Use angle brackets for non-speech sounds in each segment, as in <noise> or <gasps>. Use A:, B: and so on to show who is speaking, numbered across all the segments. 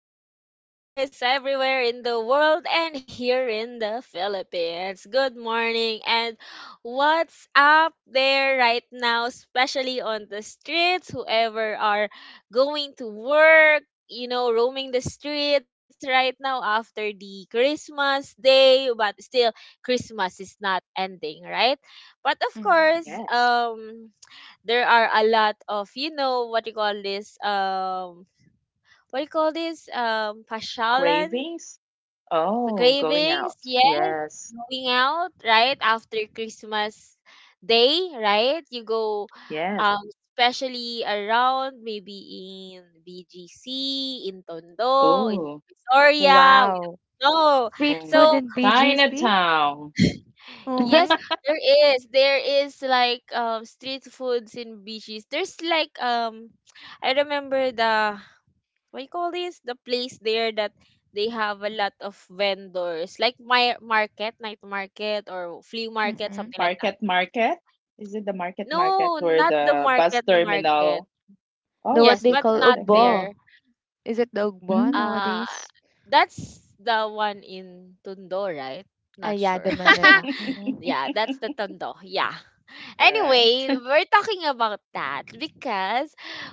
A: morning to you guys everywhere in the world and here in the Philippines. Good morning and what's up there right now, especially on the streets, whoever are going to work, you know, roaming the streets right now after the Christmas day, but still Christmas is not ending, right? But of course,
B: Mhm.
C: Yes.
A: there are a lot of you know what you call this what do you call this? Pasyalan,
C: Cravings? Oh, going
A: cravings.
C: out.
A: Yes,
C: Yes.
A: going out right after Christmas day, right? You go,
C: Yes.
A: um, especially around maybe in BGC, in Tondo, in
C: Oh,
A: Victoria. We
B: Wow.
A: don't know.
B: Street
C: mm.
B: food
A: So
B: in BGC?
C: Chinatown.
A: yes,
B: Mm-hmm.
A: there is. There is like street foods in BGC. There's like I remember the what you call this the place there that they have a lot of vendors like my market night market or flea market
B: Mhm.
A: something like that.
C: Market Market? Is it the Market Market
A: No,
C: where
A: not the
C: the bus
A: market market.
C: terminal?
B: The
C: Oh,
B: what
C: it's
A: Yes,
B: they
A: but
B: call
C: different.
A: not
C: Okay.
B: ugbo.
A: there.
B: Is it the ugbo
C: Mm.
A: uh
B: nowadays?
A: that's the one in Tundo, right?
B: Ah
A: Not
B: yeah,
A: sure.
B: the
A: <laughs>
B: Manila.
C: <laughs>
B: Mm-hmm.
A: Yeah, that's the tondo. Yeah.
C: All right.
A: Anyway, we're talking about that because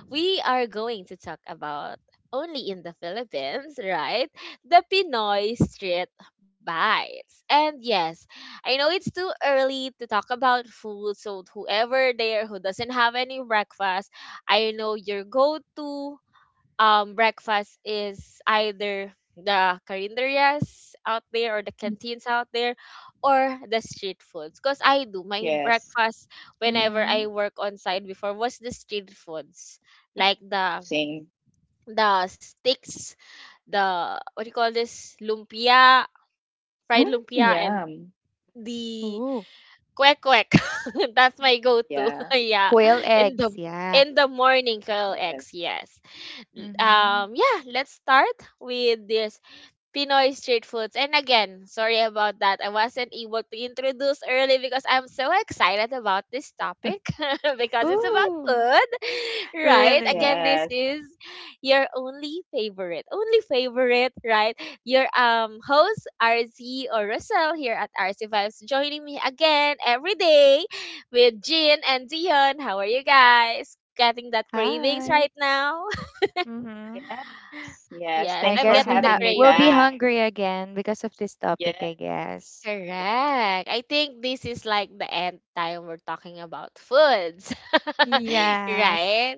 A: we are going to talk about only in the Philippines, right? The Pinoy street bites. And yes, I know it's too early to talk about food, so whoever there who doesn't have any breakfast, I know your go-to breakfast is either the carinderias out there or the
C: Mm.
A: canteens out there or the street foods, because I do my
C: Yes.
A: breakfast whenever I
B: Mhm.
A: work on site. Before was the street foods,
C: Mm.
A: like the
C: Same.
A: sticks, the what do you call this, lumpia, fried
C: Mm,
A: lumpia, and
C: yum.
A: the
B: Ooh.
A: quack quack. <laughs> That's my go-to. <laughs>
C: Yeah.
A: Yeah,
B: Quail
A: in the
B: eggs, yeah.
A: morning, Kyle.
C: Yes. <laughs>
A: Yes.
B: Mhm.
A: Yeah, let's start with this Pinoy street foods. And again, sorry about that. I wasn't able to introduce early because I'm so excited about this topic <laughs> because it's about
B: Ooh.
A: food, right?
B: Really?
A: Again,
C: Yes.
A: this is your only favorite, right? Your host RZ or Russell here at RC Vibes, joining me again every day with Jean and Dion. How are you guys? Getting that cravings
B: Hi.
A: right now?
B: Mhm.
C: Yes.
A: <laughs>
C: Yes.
A: Yes,
B: I
C: Thanks
A: I'm
C: for
B: guess we
A: getting the
B: have
C: having me
B: we'll be
A: cravings.
C: back.
B: hungry again because of this topic,
C: Yes.
B: I guess.
C: Yeah.
A: Correct. I think this is like the end time we're talking about foods. <laughs>
B: Yes.
A: Right?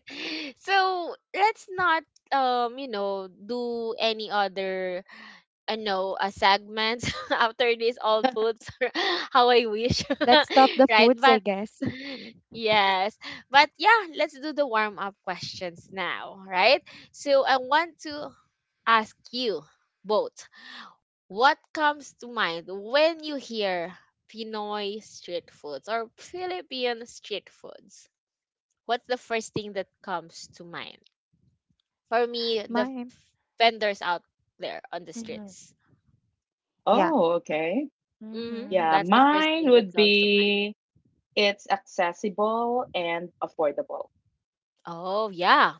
A: So let's not, you know, do any other no segments <laughs> after this, all foods. <laughs> How I wish. <laughs>
B: Let's stop the
A: Right?
B: foods, I
A: But
B: guess. <laughs>
A: yes. But yeah, let's do the warm up questions now, right? So I want to ask you both. What comes to mind when you hear Pinoy street foods or Philippine street foods? What's the first thing that comes to mind? For me, the
B: Mine.
A: vendors out there on the streets.
B: Mhm. Yeah.
C: Oh, okay.
A: Hmm.
B: Mhm.
C: Yeah,
A: That's the first
C: mine
A: thing that
C: would
A: comes to mind.
C: be it's accessible and affordable.
A: Oh, yeah,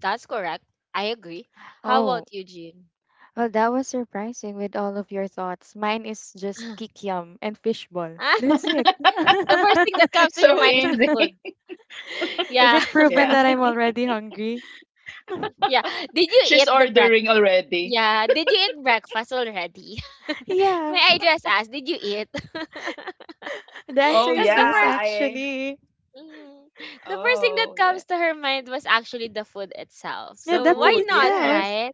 A: that's correct. I agree. How
B: Oh,
A: about you, Jean?
B: well, that was surprising with all of your thoughts. Mine is just
A: <laughs>
B: kikiam and fishball.
A: Ah,
B: That's it.
A: the first thing that
C: <laughs>
A: comes to your
C: So
A: mind is the
C: easy.
B: <laughs>
A: food.
C: <laughs>
A: <laughs>
B: Is
A: Yeah.
B: it
A: <laughs>
B: proven
C: Yeah.
B: that I'm already hungry?
A: Yeah. Did
C: <laughs>
A: you
C: She's
A: eat the breakfast?
C: ordering already.
A: Yeah. Did you eat breakfast already?
B: Yeah,
A: May I just ask, did you eat? <laughs>
B: the answer
C: Oh,
A: Because
B: is
A: the
B: yes,
C: yeah.
A: first,
C: I.
B: actually.
A: mm, the first thing that
C: Oh, yeah.
A: comes to her mind was actually the food itself.
B: Yeah,
C: The
B: the
A: So
B: food
A: why
C: food.
A: not,
B: itself.
C: Yes.
A: right?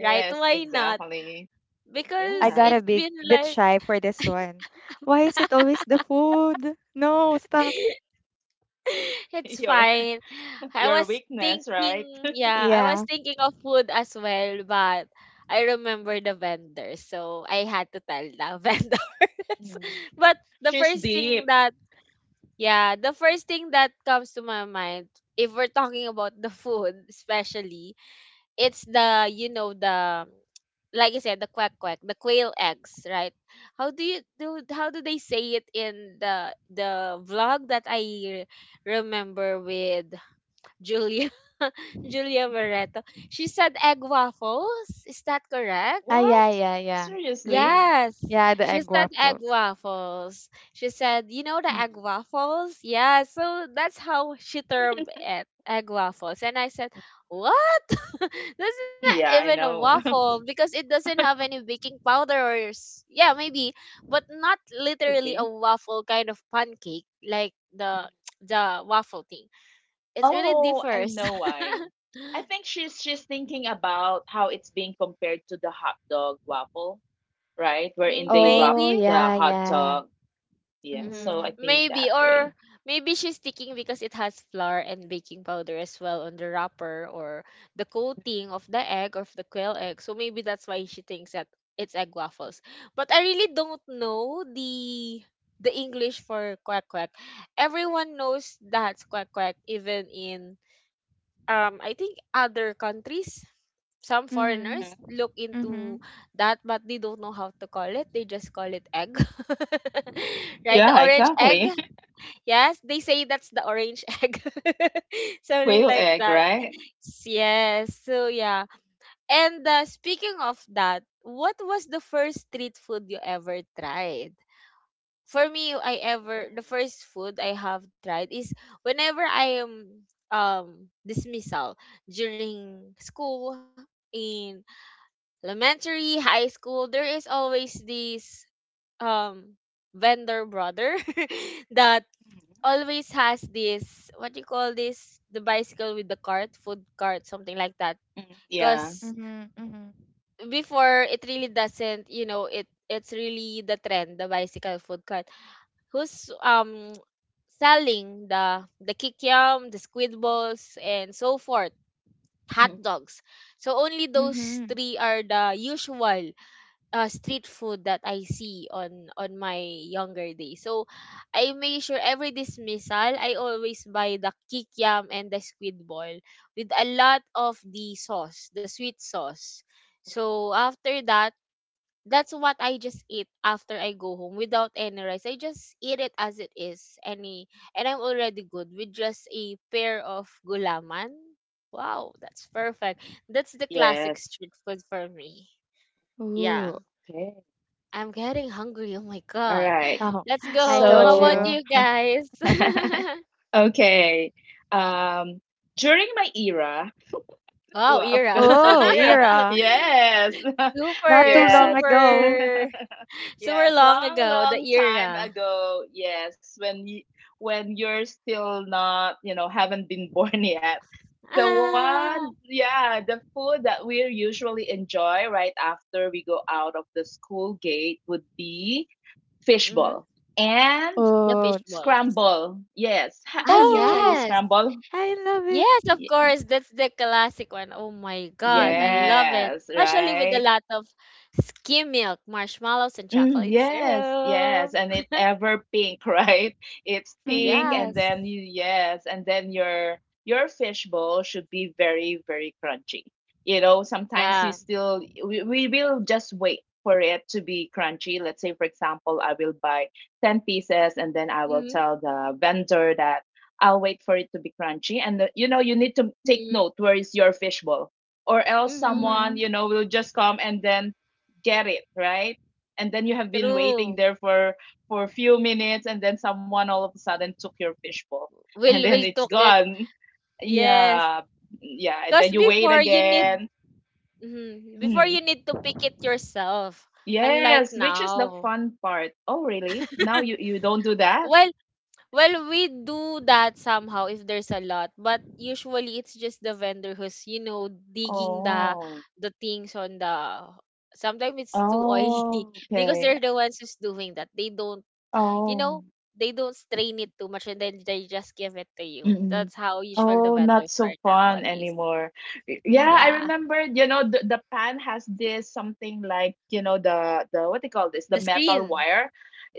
A: Right? Why not?
C: exactly.
A: Because
B: I
C: Yeah.
B: got a
A: it's
B: big
A: been
B: bit
A: like,
B: shy for this one. Why is it always the food? No, stop.
C: <laughs>
A: <laughs> it's
C: Your
A: fine.
C: <laughs>
A: I
C: your
A: was
C: weakness, right? <laughs>
A: yeah, I was
B: Yeah.
A: thinking of food as well, but I remember the vendor, so I had to tell the <laughs> vendors.
C: Mm.
A: But the
C: She's
A: first
C: deep.
A: thing that Yeah, the first thing that comes to my mind, if we're talking about the food, <laughs> especially, it's the, you know, like I said, the quack quack, the quail eggs, right? How do you do? How do they say it in the vlog that I remember with Julia, <laughs> Julia
C: Mhm.
A: Moreto? She said egg waffles. Is that correct?
B: Ah, yeah,
C: What?
B: yeah, yeah.
C: Seriously?
B: Mm.
A: Yes,
B: Yeah, the
A: she
B: egg
A: said egg
B: waffles.
A: waffles. She said, you know the
C: Mm.
A: egg waffles? Yeah, so that's how she termed it, egg waffles. And I said,
C: Mm.
A: what? <laughs> That's not
C: Yeah,
A: even a
C: I know.
A: waffle
C: <laughs>
A: because it doesn't have any baking powder, yeah, maybe, but not literally
C: Could
A: a
C: be.
A: waffle kind of pancake like the
C: Mm-hmm.
A: <tsk> the waffle thing. It really
C: Oh, I
A: differs.
C: know why.
A: <laughs>
C: I think she's thinking about how it's being compared to the hot dog waffle, right? Wherein they wrap
B: Oh,
A: Maybe.
C: the
B: yeah,
C: hot
B: yeah.
C: dog. Yeah,
A: Mhm.
C: so I
B: Mm-hmm.
C: think
A: Maybe,
C: that
A: or
C: way.
A: maybe she's sticking because it has flour and baking powder as well on the wrapper or the coating of the egg, of the quail egg. So maybe that's why she thinks that it's egg waffles. But I really don't know the English for quack quack. Everyone knows that's quack quack, even in I think other countries. Some
B: Mm-hmm.
C: Mhm.
A: foreigners look
B: Mm-hmm.
A: into that, but they don't know how to call it, they just call it egg. <laughs> Right, the
C: Yeah,
A: orange egg.
C: exactly. <laughs>
A: Yes, they say that's the orange egg. <laughs> Something
C: Quail
A: like
C: egg,
A: that.
C: right?
A: Yes, so yeah. And speaking of that, what was the first street food you ever tried? For me, I ever the
C: Oh.
A: first food I have tried is whenever I am, um dismissal during school, in elementary, high school, there is always this um vendor brother <laughs> that
C: Mhm.
A: always has this what do you call this, the bicycle with the cart, food cart, something like that.
C: Mm, yeah.
A: Because
B: Mhm, mhm,
A: before, it really doesn't, you know, it's really the trend, the bicycle food cart, who's selling the kikiam, the squid balls, and so forth, hot
C: Mm.
A: dogs. So only those
B: mhm.
A: three are the usual street food that I see on my younger days. So I make sure every dismissal I always buy the kikiam and the squid ball with a lot of the sauce, the sweet sauce. So after that, that's what I just eat after I go home, without any rice. I just eat it as it is. Any and I'm already good with just a pair of gulaman. Wow, that's perfect. That's the classic
C: Yes.
A: street food for me. Yeah.
B: Ooh.
C: Okay.
A: I'm getting hungry. Oh my
C: All
A: god.
C: right.
A: <laughs>
B: Oh,
A: Let's
B: <laughs> I
A: go.
B: told
A: How about
C: So,
B: you.
A: you guys?
C: <laughs>
A: <laughs>
C: okay. Um, During my era,
A: Wow,
C: wow, <laughs>
A: era.
C: that's an
B: Oh,
C: era.
A: <laughs>
B: era.
C: Yes. <laughs>
B: Not too
A: Super,
B: long
C: Yes.
A: super,
B: ago.
C: <laughs>
A: <laughs> super
C: Yes,
A: long
C: long,
A: ago, the
C: long time
A: era.
C: ago. Yes, when you when you're still not, you know, haven't been <laughs> born yet. The
A: Ah,
C: one, yeah, the food that we usually enjoy right after we go out of the school gate would be
A: mhm.
C: fishball and
A: <laughs> The
B: Oh,
A: fish balls.
C: scramble. Yes. Ha
A: Ah,
C: have you tried the
B: oh,
A: yes.
C: scramble?
B: I love it.
A: Yes, of
C: Ye-
A: course. That's the classic one. Oh my God. I
B: Mhm,
A: love it.
C: Yes,
A: Especially with a
C: right.
A: lot of skim milk, marshmallows, and
C: Mm,
A: chocolate
C: yes,
A: syrup.
C: yes, and it ever pink, <laughs> right? It's pink, and
B: mhm,
A: Yes.
C: then you yes, and then your fishbowl should be very, very crunchy. You know, sometimes you
A: Yeah.
C: still we will just wait for it to be crunchy. Let's say, for example, I will buy ten pieces, and then I will
A: Mm-hmm.
C: tell the vendor that I'll wait for it to be crunchy. And the, you know, you need to take
A: Mm-hmm.
C: note where is your fishbowl, or else
A: Mm-hmm.
C: someone
B: mhm,
C: you know will just come and then get it right, and then you have been waiting
A: True.
C: there for a few minutes, and then someone all of a sudden took your fishbowl and then
A: We'll
C: it's
A: cook it.
C: gone.
A: Yes.
C: Yeah. Yeah, and
A: Because
C: then you wait
A: before you need,
C: again.
A: mhm, before you
C: Hmm.
A: need to pick it yourself. Unlike
C: Yes, which is the
A: now.
C: fun part. Oh, really? Now you don't do that.
A: Well, Well, we do that somehow if there's a lot, but usually it's just the vendor who's, you know, digging
C: Oh.
A: the things on the sometimes it's too oily
C: Oh,
A: <laughs> because
C: okay.
A: they're the ones who's doing that. They don't, you
C: Oh.
A: know, they don't strain it too much and then they just give it to you.
C: Mm-mm.
A: That's how usual the
C: Oh, not
A: vendors
C: so
A: are
C: fun
A: nowadays.
C: anymore. Y- Yeah, I
B: mhm.
A: Yeah.
C: remember, you know, the pan has this something like, you know, the what do you call this? The
A: The
C: metal
A: screen.
C: wire.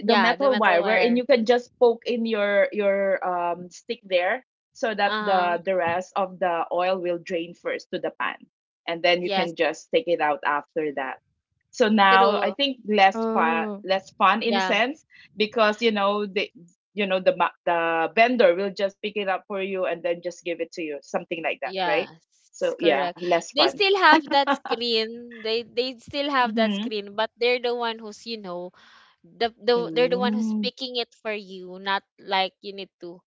C: The
A: Yeah, the
C: metal wire wherein
A: metalware.
C: you can just poke in your stick there so that
A: Uh-huh.
C: the rest of the oil will drain first to the pan. And then you can
A: Yes.
C: just take it out after that. So now I
A: True.
C: think less fun,
B: Oh,
C: less fun in a
A: Yeah.
C: sense because you know the ma- the vendor will just pick it up for you and then just give it to you something like that, right?
A: Yes,
C: So yeah,
A: correct.
C: less
A: They
C: fun.
A: still have that screen. They still have that
C: Mm-hmm.
A: screen, but they're the one who's, you know, the they're the one who's
C: Mm.
A: picking it for you, not like you need to.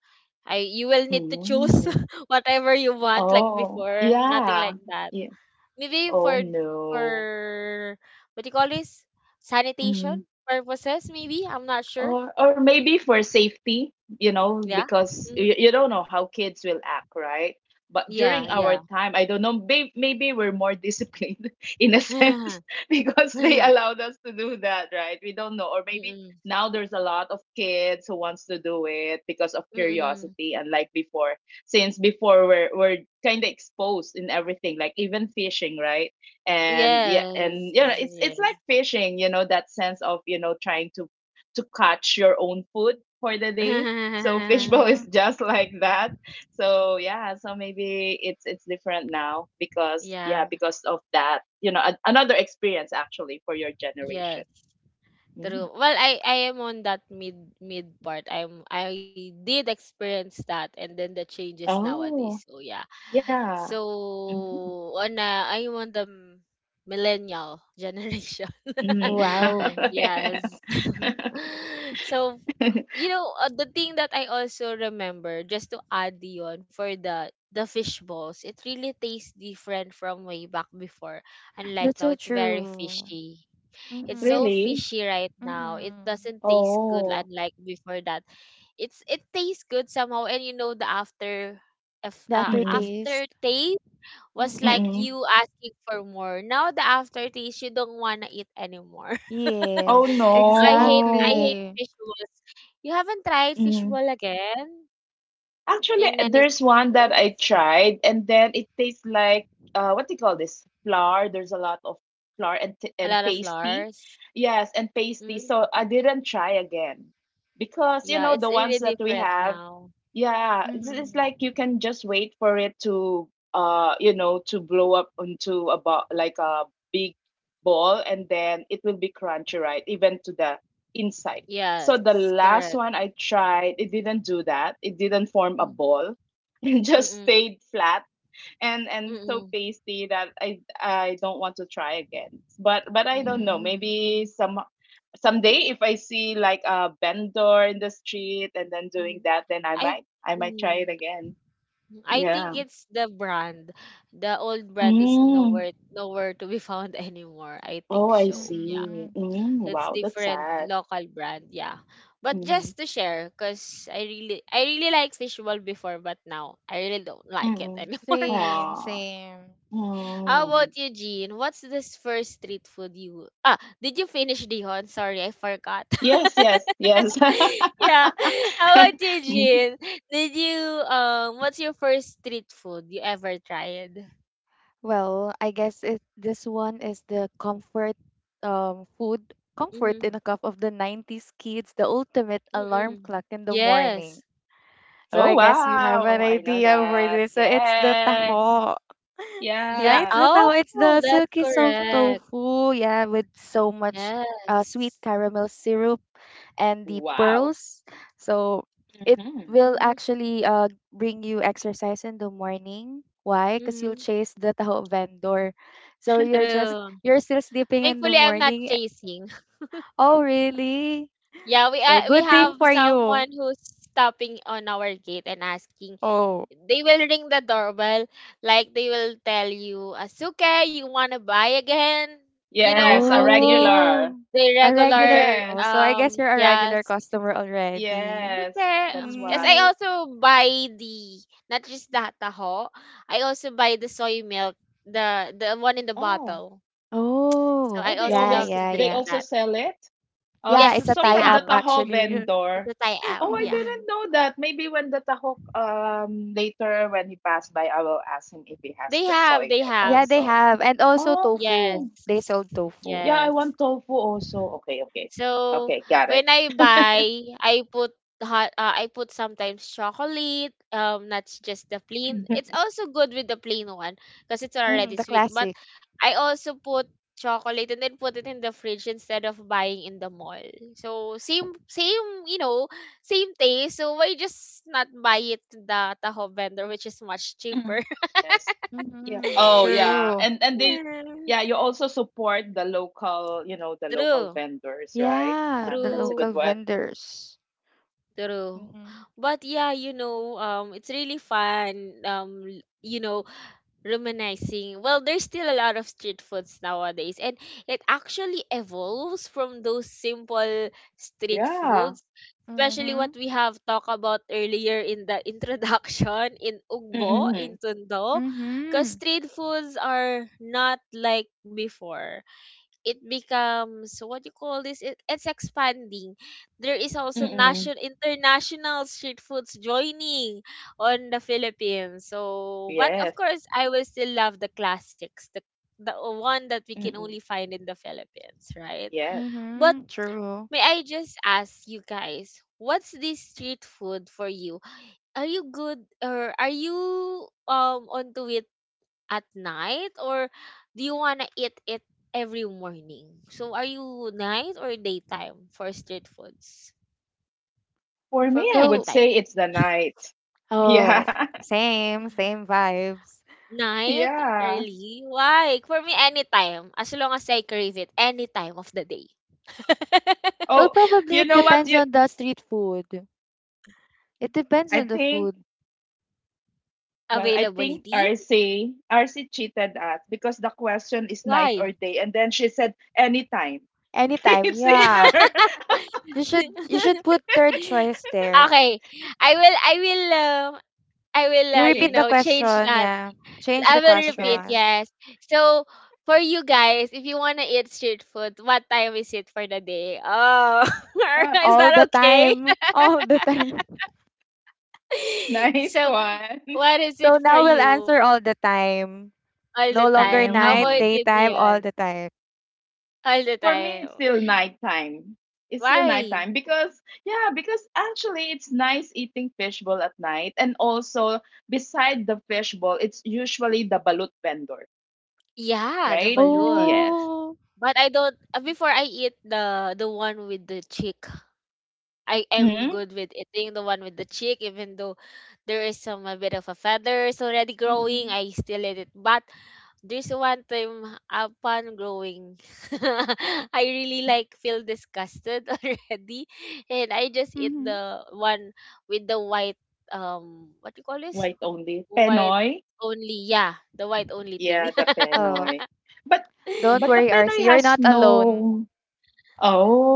A: I you will need to choose
C: Mm.
A: <laughs> whatever you want like
C: Oh,
A: before, nothing
C: yeah.
A: like that.
C: Yeah.
A: Maybe
C: Oh,
A: for
C: no.
A: for what do you call this? Sanitation
C: Mm-hmm.
A: purposes maybe. I'm not sure.
C: Or maybe for safety, you know,
A: Yeah.
C: because
A: Hmm.
C: you don't know how kids will act, right? But
A: Yeah,
C: during our
A: yeah.
C: time, I don't know. Maybe, maybe we're more disciplined <laughs> in a sense
A: <laughs>
C: <laughs> because they
A: Mm-mm.
C: allowed us to do that, right? We don't know. Or maybe now there's a lot of kids who wants to do it because of
A: Mm-mm.
C: curiosity, unlike before. Since before we're kind of exposed in everything, like even fishing, right? And yeah,
A: Yes,
C: and you know it's like
A: yes.
C: fishing, you know, that sense of you know trying to catch your own food for the day. So <laughs>
A: <laughs>
C: fishbowl is
B: mhm.
C: just like that. So yeah, so maybe it's different now because yeah,
A: Yeah,
C: because of that, you know, a, another experience actually for your
A: yes.
C: generation. Mm.
A: True. Well, I am on that mid part. I did experience that and then the changes nowadays. So
C: Oh,
A: yeah.
C: yeah. Mhm.
A: So, ana, I'm on the millennial <laughs> generation.
C: Mm.
A: <laughs>
C: <laughs>
B: Wow,
A: Yes. <laughs>
C: Yeah.
A: So, you know, the thing that I also remember, just to add yon for the fish balls, it really tastes different from way back before. Unlike
B: that's
A: now,
B: so
A: it's very
B: true.
A: fishy. It's
C: <laughs>
A: so
B: Mhm,
C: Really?
A: fishy right now. It
B: mhm.
A: doesn't taste good
C: Oh.
A: unlike before that. It's it tastes good somehow, and you know the after, if
B: The
C: Mm-mm.
A: after
B: aftertaste.
A: was like
C: Mm-mm.
B: Mhm.
A: you asking for more. Now the aftertaste, you don't wanna eat anymore. <laughs> So
C: Oh
B: Yes,
A: I
C: no.
A: hate
B: exactly.
A: fish balls. You haven't tried fish ball again
C: Actually,
A: in any
C: there's
A: street
C: one that
A: food?
C: I tried, and then it tastes like what do you call this? Flour. There's a lot of flour and
A: A
C: t-
A: lot of
C: and pasty.
A: flowers.
C: Yes, and
A: Mm,
C: pasty. So I didn't try again because you
A: yeah,
C: know
A: it's
C: the
A: really
C: ones that we
A: different
C: have
A: now.
C: yeah,
B: Mhm,
C: it's like you can just wait for it to you know to blow up into a bo- like a big ball, and then it will be crunchy, right? Even to the inside. So the
A: Yes,
C: last
A: correct.
C: one I tried, it didn't do that. It didn't form a
A: Mm,
C: ball. <laughs> It just
A: mm-mm,
C: stayed flat and so
A: mm-mm,
C: pasty that I don't want to try again. But I don't
A: mm-mm,
C: know.
B: mhm,
C: Maybe some someday if I see like a vendor in the street and then doing
A: mm-mm.
C: that, then I
A: I
C: might I might try
A: mm,
C: it again.
A: I think
C: Yeah.
A: it's the brand. The old brand is
C: Mm.
A: nowhere to be <laughs> found anymore. I
C: Oh,
A: think
C: I
A: so.
C: see.
B: mhm.
C: Mm.
A: It's
C: Wow, that's
A: different
C: sad.
A: local brand, yeah. But
C: Mm.
A: just to share, because I really like fishbowl before, but now I really don't like it
C: Mm.
A: anymore. <laughs>
B: Same,
C: Aw.
B: same.
A: How
C: Mm.
A: about you, Jean? What's this first street food you ah did you finish Dihon? Sorry, I forgot.
C: Yes, yes, yes.
A: <laughs>
C: <laughs>
A: Yeah. How about you,
C: Mm.
A: Jean? Did you what's your first street food you ever tried?
B: Well, I guess it this one is the comfort food comfort in
A: Mm-hmm.
B: a cup of the 90s kids, the ultimate alarm
A: Mm-mm.
B: clock in the morning.
A: Yes.
B: So
C: Oh
B: I guess you have an
C: wow, I know
B: idea for
C: that.
B: this. So it's the
C: Yes.
B: taho. <laughs> Yeah,
A: Yeah.
B: it's
C: Yeah.
B: the
A: Oh,
B: taho. It's the
A: that's
B: silky soft
A: correct.
B: tofu, yeah, with so much sweet
A: Yes.
B: caramel syrup and the
C: Wow.
B: pearls. So it
C: Hmm.
B: will
A: Mhm,
B: actually bring you exercise in the morning. Why? Because you'll
A: mhm.
B: chase the <laughs> taho vendor. So
A: True.
B: you're still sleeping in the
A: Thankfully, I'm not
B: morning.
A: chasing. <laughs>
B: Oh really?
A: Yeah,
B: So
A: we
B: good thing
A: have
B: for you.
A: someone who's stopping on our gate and asking.
B: Oh.
A: They will ring the doorbell, like they will tell you, "Asuke, you wanna buy again?" You know
C: Yes, a
A: how they
C: regular.
B: Oh, a
C: <laughs>
B: regular.
A: regular
C: Yes,
B: Oh, so I guess you're a regular
A: yes.
B: customer already.
C: yes.
A: Okay.
C: That's
A: Because I
B: Mm.
C: why.
A: also buy the not just the taho, I also buy the soy milk, the one in the
C: Oh,
A: bottle. So
B: Oh,
A: I
C: oh, they
A: also
B: yeah,
A: love
C: always
A: to
B: yeah,
C: they
A: drink
B: yeah.
C: also
A: that.
C: sell it. Oh,
B: Yeah,
C: it's
A: Yes,
C: fr-
B: it's a
C: so
A: they
C: from
B: tie-up
C: the
A: have.
C: Taho
B: actually.
A: It's
C: vendor.
A: a Thai
B: <laughs>
A: app.
C: Oh, I
A: Yeah.
C: didn't
B: Mhm.
C: know that. Maybe when the Taho later when he passed by, I will ask him if he has
A: They
C: the
A: have,
C: soy
A: they
C: milk
A: have.
B: Yeah, they
C: also.
B: have. And also
C: Oh,
A: Yes.
B: tofu. They sold tofu.
C: yeah, I
A: Yes.
C: want tofu also. Okay, okay,
A: So
C: okay, got it.
A: when I buy, I put hot I put sometimes chocolate, not just the plain. It's
C: <laughs>
A: also good with the plain one because it's
B: Mm,
A: already
B: the
A: sweet, but
B: classic.
A: I also put chocolate and then put it in the fridge instead of buying in the mall. So same, same taste. So why just not buy it in the Taho vendor which is much cheaper?
C: Mhm. Yes. Yeah.
B: Mm-hmm.
C: Oh, yeah.
A: <laughs>
B: True.
C: And they, yeah, you also support the local, you know, the local
A: True,
C: vendors, right?
B: Yeah,
C: Yeah,
B: the
C: that's a
A: true,
C: good
B: local
C: one.
B: vendors.
A: true.
B: Mm-hmm.
A: But yeah, it's really fun. Reminiscing. Well, there's still a lot of street foods nowadays, and it actually evolves from those simple street
C: Yeah.
A: foods, especially what
B: Mm-hmm.
A: we have talked about earlier in the <laughs> introduction in Ugbo,
C: Mm-mm.
A: in Tondo, because
B: Mm-hmm.
A: street foods are not like before. It becomes what you call this, it's expanding. There is also
C: Mm-mm.
A: national international street foods joining on the Philippines, so but of
C: Yes.
A: course I will still love the classics, the one that we can
C: Mm-mm.
A: only find in the Philippines, right?
C: Yes.
A: But
B: Mm-hmm. True.
A: may I just ask you guys, what's this street food for you? Are you good or are you onto it at night, or do you want to eat it every morning? So are you night or daytime for street foods?
C: For
A: For
C: me,
A: me,
C: I would
B: Well,
A: anytime.
C: say it's the night.
B: oh,
C: Yeah. <laughs>
B: same, same vibes.
A: Night,
C: Yeah.
A: really? Why? For me, anytime. As long as I crave it, any time of the day. <laughs>
B: Well,
C: Oh,
B: probably
C: you
B: it
C: know what?
B: depends
C: You,
B: on the street food. It depends
C: I
B: on the
C: think.
B: food.
C: Well, I think
A: Availability?
C: RC cheated us because the question is night or
A: Why?
C: day, and then she said anytime. <laughs>
B: Anytime,
C: It's
B: yeah.
C: either.
A: <laughs>
B: You should put third choice there.
A: Okay, I will, I will, um, I will,
B: You
C: <laughs>
B: repeat the
C: Change.
A: change
B: question,
A: that.
B: yeah. Change
A: I
B: the
A: will repeat,
C: Okay.
B: question.
A: yes. So for you guys, if you wanna eat street food, what time is it for the day? Oh,
C: Uh,
A: <laughs> is
C: <laughs>
B: All
A: that
B: the
A: okay?
B: time. <laughs> All the time. <laughs>
A: <laughs>
C: nice
A: So
C: one. <laughs>
A: what is
B: So
A: it for
B: now
C: Yeah.
B: we'll answer
A: you?
B: all the time.
A: All
B: No
A: the
B: longer
A: time? How
B: night,
A: about
C: Mm.
A: you,
B: daytime, all
A: Dion?
B: the time.
A: All the
C: For me, it's
A: time.
C: still nighttime. It's still
A: Why?
C: nighttime because, yeah, because actually it's nice eating fishbowl at night. And also, beside the fishbowl, it's usually the balut vendor,
A: Yeah, the
C: right?
A: balut.
C: Yes.
B: Oh.
A: But I don't before I eat the one with the chick. I am
C: Mm.
A: good with eating the one with the chick even though there is some a bit of a feathers already growing.
B: Mm-hmm.
A: I still eat it. But there's one time upon growing, <laughs> I really like feel disgusted <laughs> already, and I just eat
B: Mm-hmm.
A: the one with the white, what you call this,
C: White only.
A: white
C: Penoy.
A: only, yeah, the white only thing.
C: Yeah, the
B: Oh,
C: Penoy. But
B: don't
C: but the
B: worry,
A: <laughs>
B: RC.
C: Penoy
B: You're
C: has
B: not alone.
C: no.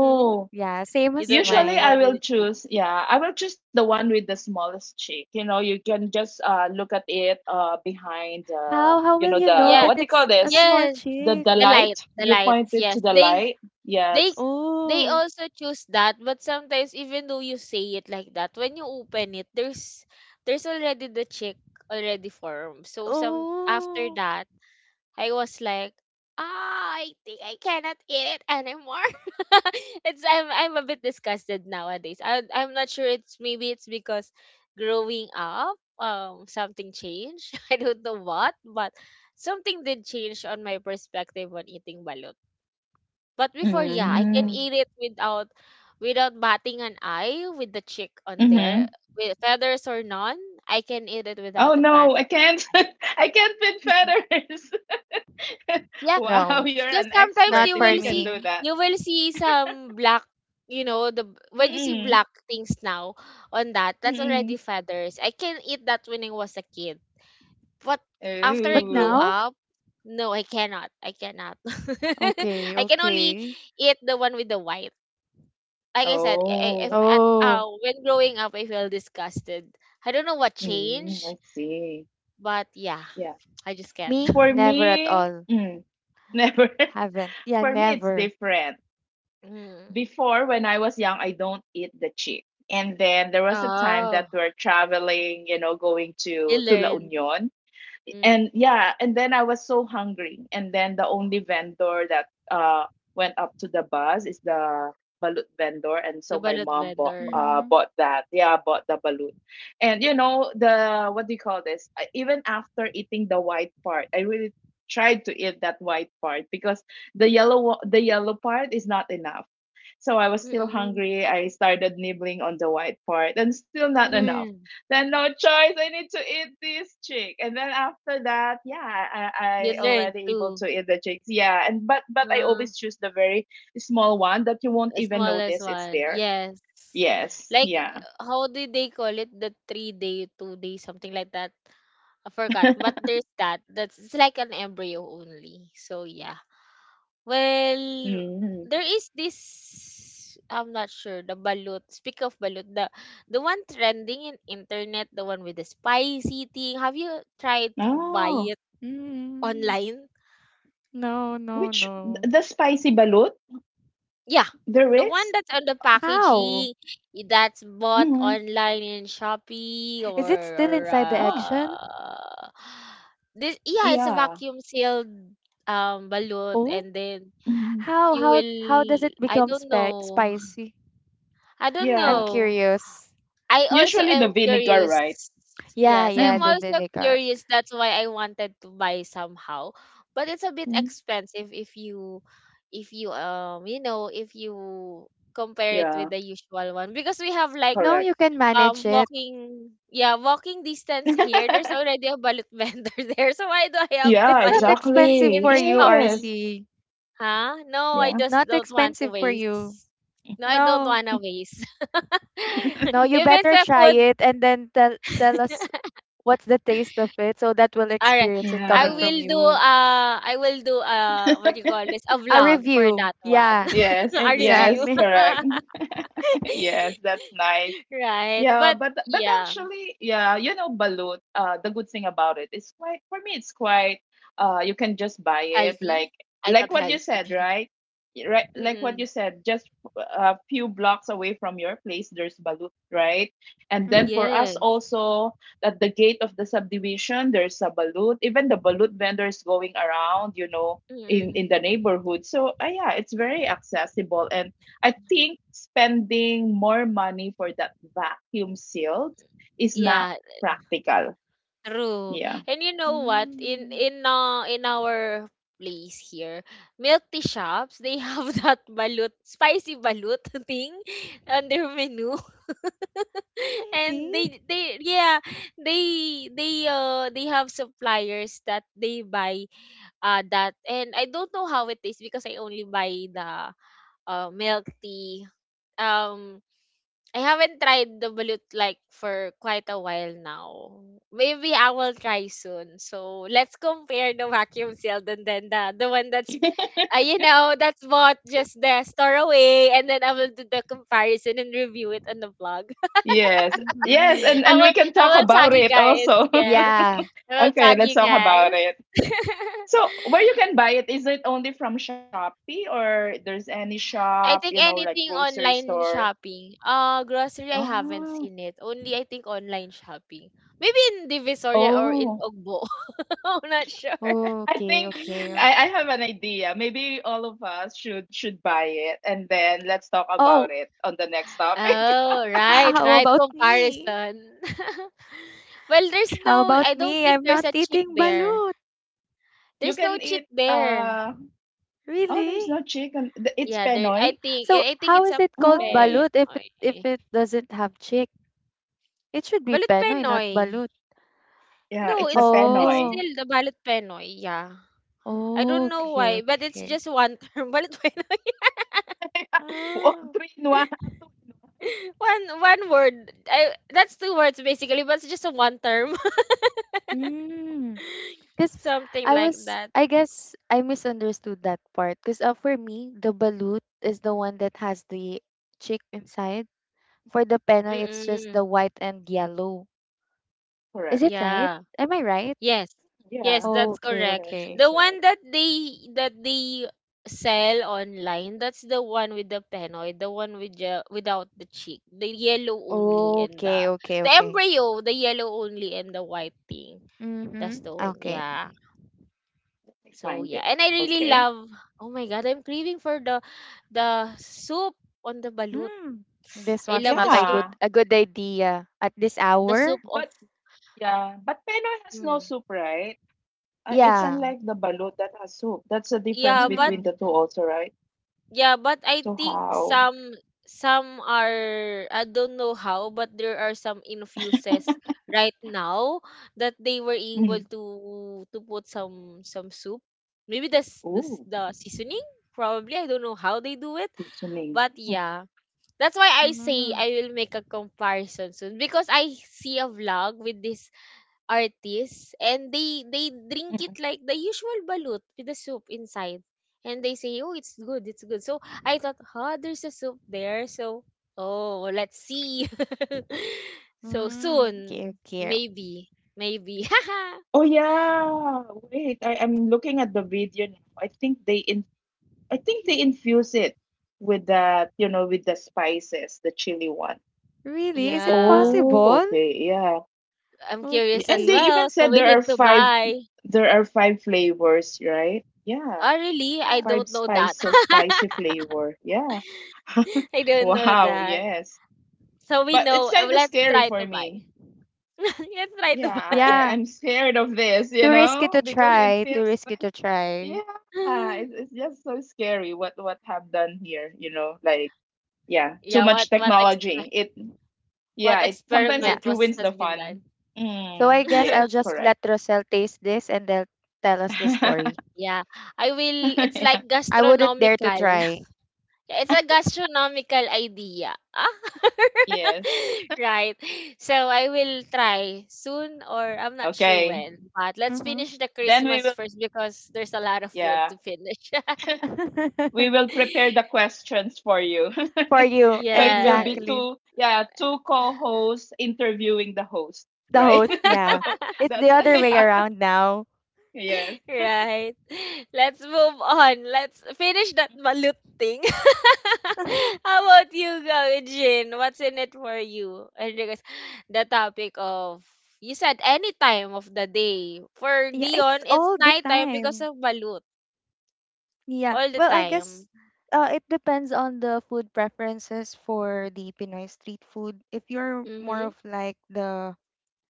A: Hmm?
B: Yeah, same
A: You
B: as
A: don't like
C: usually,
A: the
C: I
A: one
B: mine.
A: with
C: will
A: the chip?
C: choose, yeah, I will choose the one with the smallest cheek. You know, you can just look at it behind,
B: How
C: you
B: will
C: know,
B: you know
C: the,
A: Yeah,
B: that
C: what do you
B: it's
C: call
B: a
C: this?
B: small
A: yes,
B: chick?
C: The
A: the light,
C: light.
A: the
C: You point
A: lights.
C: it to
A: Yes,
C: the light.
A: they
C: Yes.
A: they
B: Oh.
A: also choose that, but sometimes even though you say it like that, when you open it, there's already the chick already formed. So some after
B: Oh.
A: that, I was like, ah, I think I cannot eat it anymore. <laughs> it's I'm a bit disgusted nowadays. I'm not sure. it's Maybe it's because growing up, something changed. <laughs> I don't know what, but something did change on my perspective on eating balot. But before, yeah, I can
C: Mm-hmm.
B: Mm-hmm.
A: eat it without without batting an eye, with the chick on
C: Mm-hmm.
A: there, with feathers or none. I can eat it
C: Oh,
A: without a bat
C: no, I
A: of
C: can't. <laughs> I can't pin
A: <laughs>
C: feathers. <laughs>
A: yeah,
C: Wow,
B: No,
C: you're
A: because
C: an
A: sometimes
C: expert
B: not
A: you
C: if
B: for
A: will
C: you can
A: see,
C: do
B: me.
C: that.
A: some black, you know, when you see
C: Mm-mm.
A: black things now on that, that's already
C: Mm-mm.
A: feathers. I can eat that when I was a kid. But after I
B: But
A: grow
C: Oh.
B: now?
A: up, no, I cannot. I cannot. <laughs>
B: Okay,
A: I can only
B: okay.
A: eat the one with the white. Like I said, I- if
C: Oh.
A: at
B: Oh,
A: when growing up, I feel disgusted. I don't know what
C: Mm,
A: changed,
C: I see.
A: but yeah,
C: Yeah.
A: I just can't.
B: me?
C: For
A: <laughs>
B: Never at
C: me,
B: all.
C: mm, <laughs> never.
B: Haven't. Yeah,
C: For me, it's
B: never.
C: different.
A: Mm.
C: Before, when I was young, I don't eat the chick. And then there was a time
A: Oh,
C: that we're traveling, you know, going
A: you
C: to La
A: learned.
C: Union,
A: mm.
C: and yeah, and then I was so hungry, and then the only vendor that went up to the bus is the balut vendor, and
A: The
C: so my
A: balot
C: mom bought
A: vendor.
B: Mm-hmm.
C: bought that, yeah, bought the balut. And you know the what do you call this? I- even after eating the white part I really tried to eat that white part because the yellow part is not enough. So I was still
A: Mm-mm.
C: hungry. I started nibbling on the white part and still not enough.
A: Mm.
C: Then no choice, I need to eat this chick, and then after that yeah
A: You
C: I
A: learned
C: already able
A: too.
C: to eat the chicks. Yeah, and but I
A: Uh,
C: always choose the very small one that you won't
A: the
C: even
A: smallest
C: notice it's
A: one,
C: there.
A: yes.
C: Yes.
A: Like,
C: Yeah.
A: how did they call it? The 3-day, 2-day, something like that. I forgot.
C: <laughs>
A: But there's that. That's, it's like an embryo only. So yeah. Well,
C: Mm.
A: there is this, I'm not sure, the balut. Speak of balut, the one trending in internet, the one with the spicy thing. Have you tried to buy
C: Oh,
A: it
B: Mm-hmm.
A: online?
B: No, no,
C: which,
B: no.
C: the spicy balut,
A: Yeah,
C: there
A: the one
C: is?
A: that's on the
B: How?
A: packaging, that's bought
C: Mm-hmm.
A: online in Shopee
B: Is
A: or
B: it still
A: or
B: inside the
C: Oh
B: eggshell?
A: uh, this. Yeah, it's a
C: yeah.
A: vacuum sealed balut,
B: Oh,
A: and then
C: Hmm.
B: how
A: you
B: how
A: will
B: how does it
A: I
B: become
A: don't
B: spi
A: know. <laughs>
B: spicy?
A: I don't
B: I'm
C: Yeah.
A: know.
B: curious.
A: I also
C: Usually the
A: am
C: vinegar,
A: curious.
C: right?
B: Yeah,
A: Yes,
B: yeah,
A: I'm
B: the
C: Mm-hmm.
A: also
B: vinegar.
A: curious. That's why I wanted to buy somehow, but it's a bit expensive if you, if you compare it with
C: Yeah,
A: the usual one, because we have like
B: No,
C: correct.
B: you can manage it.
A: walking, yeah, walking distance here. There's
C: <laughs>
A: already a bullet vendor <laughs> there, so why do I have to
C: Yeah,
B: It's
A: buy
B: not
A: in
B: expensive
C: exactly,
B: for you,
A: Shopee?
C: yes.
B: RC.
A: Huh? No, I
C: Yeah.
A: just
B: Not
A: don't want to
B: expensive for you.
A: waste. No, I don't
B: No.
A: want to waste. <laughs>
B: No, you
A: If it's
B: better
A: a
B: try
A: food.
B: it and then tell us what's the taste of it so that we'll
A: All right.
B: experience it
A: I
B: coming
C: Yeah.
B: from
A: will do,
B: you.
A: what
C: <laughs>
A: do you call this? A
B: A
A: vlog for
B: review.
A: that one.
B: Yeah.
A: <laughs>
C: Yes,
A: A review.
C: yes,
B: Exactly.
C: correct. <laughs> Yes,
A: <laughs>
C: that's nice.
A: Right.
C: Yeah,
A: But
C: but
A: yeah,
C: actually, yeah, you know, balut. The good thing about it is quite for me. It's quite. You can just buy it,
A: healthy. I
C: like
A: thought
C: what you said,
A: healthy.
C: right? Y- Right,
A: <laughs>
C: like what you
A: Mm-mm.
C: said, just a few blocks away from your place, there's balut, right? And then for us
A: Yes.
C: also, at the gate of the subdivision, there's a balut. Even the balut vendors going around, you know,
A: Mm-mm.
C: in the neighborhood. So yeah, it's very accessible, and I think spending more money for that vacuum sealed is not
A: Yeah,
C: practical.
A: true.
C: Yeah.
A: And you know what? In
B: Mm-hmm.
A: in uh, in our place here, milk tea shops, they have <laughs> that balut, spicy balut <laughs> thing on their menu. <laughs> And
B: Really?
A: they yeah, they have suppliers that they buy that. And I don't know how it is, because I only buy the milk tea. um I haven't tried the balut like for quite a while now. Maybe I will try soon. So let's compare the vacuum sealed and then the one that's you know, that's bought just the store away, and then I will do the comparison and review it on the vlog.
C: Yes. Yes,
B: Mm-hmm.
A: <laughs> I
C: and we
A: will
C: can
A: I
C: talk
A: will tag
C: about
A: you
C: it
A: guys.
C: also.
A: Yes.
B: Yeah.
C: <laughs>
A: I will
C: Okay,
A: tag
C: let's
A: you
C: talk about
A: guys.
C: it.
A: <laughs>
C: So, where you can buy it, is it only from Shopee or there's any
A: I
C: shop, you
A: think
C: know, like
A: anything
C: grocery
A: online
C: store?
A: shopping. Uh, grocery I haven't
C: Oh.
A: seen it. Only, I think, online shopping. Maybe in Divisoria or in
C: Oh.
A: Ogbo. <laughs> I'm not sure.
C: I
B: Okay,
A: <laughs>
C: think
B: okay.
C: I have an idea. Maybe all of us should buy it and then let's talk about
B: Oh,
C: it on the next topic.
A: Oh,
B: h-
A: right,
B: how
A: right.
B: about me?
A: Comparison. <laughs> Well, there's
B: How
A: no,
B: about
A: I don't
B: me?
A: think
B: I'm
A: there's
B: not
A: a chick
B: eating
A: there.
B: balut.
C: You
A: There's no
C: can
A: chick
C: eat
A: there.
C: uh oh there's
B: Really?
C: no chicken. The- It's
A: Yeah, there.
C: penoy.
A: I think,
B: So
A: I I think
B: how
A: it's
B: is
A: a
B: it called
C: Oh
A: pen.
B: balut if it if
A: Okay.
B: it doesn't have chick? It should be
A: Balot
B: penoy, not
A: Penoy.
B: balut.
C: yeah,
A: No,
C: it's the
A: it's
C: penoy.
B: Oh,
A: still the Balot Penoy. Yeah. I don't know
B: okay,
A: why, but it's
B: okay.
A: just one term. <laughs> Balot Penoy.
C: <laughs> Oh,
B: Oh.
C: three in one, two in one.
A: <laughs> One one word. I, that's two words basically, but it's just a one term.
B: Mm.
A: <laughs>
B: Because
A: Something
B: I
A: like
B: was,
A: that.
B: I guess I misunderstood that part. Because for me, the balut is the one that has the chick inside. For the penoy, it's just
A: Mm-mm.
B: the white and yellow.
C: Correct.
B: Is it right?
A: Yeah.
B: Am I right?
A: Yes.
C: Yeah.
A: Yes, that's
B: Okay,
A: correct.
C: Yes,
B: okay.
C: that's
A: The
C: right.
A: one that they sell online, that's the one with the penoid, the one with the, without the cheek, the yellow only
C: Mm.
A: and
B: Okay, okay,
A: the
B: okay.
A: embryo, the yellow only and the white thing. That's
B: Mm-hmm.
A: the one.
C: Let
B: Okay.
A: Yeah.
C: me
A: So
C: find
A: yeah,
C: it.
A: and I really
C: Okay.
A: love. Oh my god, I'm craving for the soup on the balut.
B: Mm. This
A: I
B: one's
A: love
B: not
A: the
B: a
A: soup,
B: good
C: Yeah.
B: a good idea at this
A: the
B: hour.
A: soup of
C: But yeah, but penoy has no
A: mm.
C: soup, right? It's
B: Yeah.
C: unlike the balut that has soup. That's the difference
A: Yeah, but
C: between the
B: Mm-hmm.
C: two also, right?
A: yeah, but I
C: So
A: think
C: how?
A: some are, I don't know how, but there are some infuses right now that they were able
C: Mm.
A: to put some soup. Maybe that's this
C: Ooh,
A: the seasoning probably. I don't know how they do it,
C: seasoning.
A: but yeah. That's why I say
B: Mm-hmm.
A: I will make a comparison soon, because I see a vlog with this artists and they drink it
C: Mm.
A: like the usual balut with the soup inside, and they say, oh, it's good, it's good, so I thought, huh, there's a soup there, so oh, let's see. <laughs> So
B: Mm, okay,
A: soon
B: okay.
A: maybe, maybe.
C: Oh yeah. Wait, I'm looking at the video now. I think they infuse it with that, with the spices, the chili one.
A: <laughs>
B: Really? Is it
A: Yeah,
C: Oh,
B: possible?
C: okay, yeah.
A: I'm curious
C: And
A: as
C: they
B: Okay.
A: well,
C: even
A: so
C: said
A: we
C: there are
A: need to
C: five
A: buy.
C: there are five flavors, right? Yeah.
A: Oh, really? I
B: Uh,
C: Five
A: don't know that.
C: spices, spicy flavor. Yeah. <laughs>
A: <laughs> I don't know
C: Wow,
A: that,
C: yes.
A: so we
C: But it's
A: know. Uh,
C: kind of
A: let's
C: scary
A: try to
C: for
A: buy.
C: me.
A: <laughs> Let's try
C: Yeah,
A: to buy.
B: yeah,
C: I'm scared of this, you
B: too risky
C: know,
B: to
C: because it
B: try, too
C: seems
B: risky to try.
C: yeah, it's
A: <laughs>
C: just so scary what have done here, yeah, too
A: Yeah,
C: much technology. It
A: what
C: Yeah, it sometimes
B: Yeah.
A: experiment
C: it
A: was
C: ruins
A: has
C: the
A: been
C: fun.
A: done?
B: So I
C: Mm,
B: guess I'll
C: yes,
A: <laughs>
B: just
C: correct.
B: let Rosel taste this and they'll tell us the story.
C: <laughs>
A: Yeah, I will. It's
C: Yeah,
A: like
B: I wouldn't dare to
A: gastronomical.
B: try.
A: <laughs> Yeah, it's a gastronomical idea. Ah,
C: yes.
A: <laughs> right. So I will try soon, or I'm not sure
C: Okay.
A: when. But let's
B: Mm-hmm.
A: finish the
C: Then we
A: Christmas
C: will
A: first because there's a lot of food
C: yeah,
A: to finish. <laughs>
C: we
B: <laughs>
C: will prepare the questions for you.
B: For
C: <laughs>
B: you,
C: So it will be
A: Yes.
B: exactly.
C: two yeah, two co-hosts interviewing the host,
B: The
C: right?
B: host,
C: <laughs>
B: yeah.
A: <laughs>
C: So
B: It's the
C: that's <laughs>
B: other way
C: yeah.
B: around now.
C: Yes.
A: Right. <laughs> Let's move on. Let's finish that balut thing. <laughs> How about you, go, Jin? What's in it for you? And regards the topic of, you said any time of the day. For
B: Yeah, it's
A: Dion, it's
B: all the
A: nighttime because
B: time.
A: of balut,
B: Yeah.
A: all the
B: Well, I
A: time.
B: guess it depends on the food preferences for the Pinoy street food. If you're more
A: Mm-hmm.
B: of like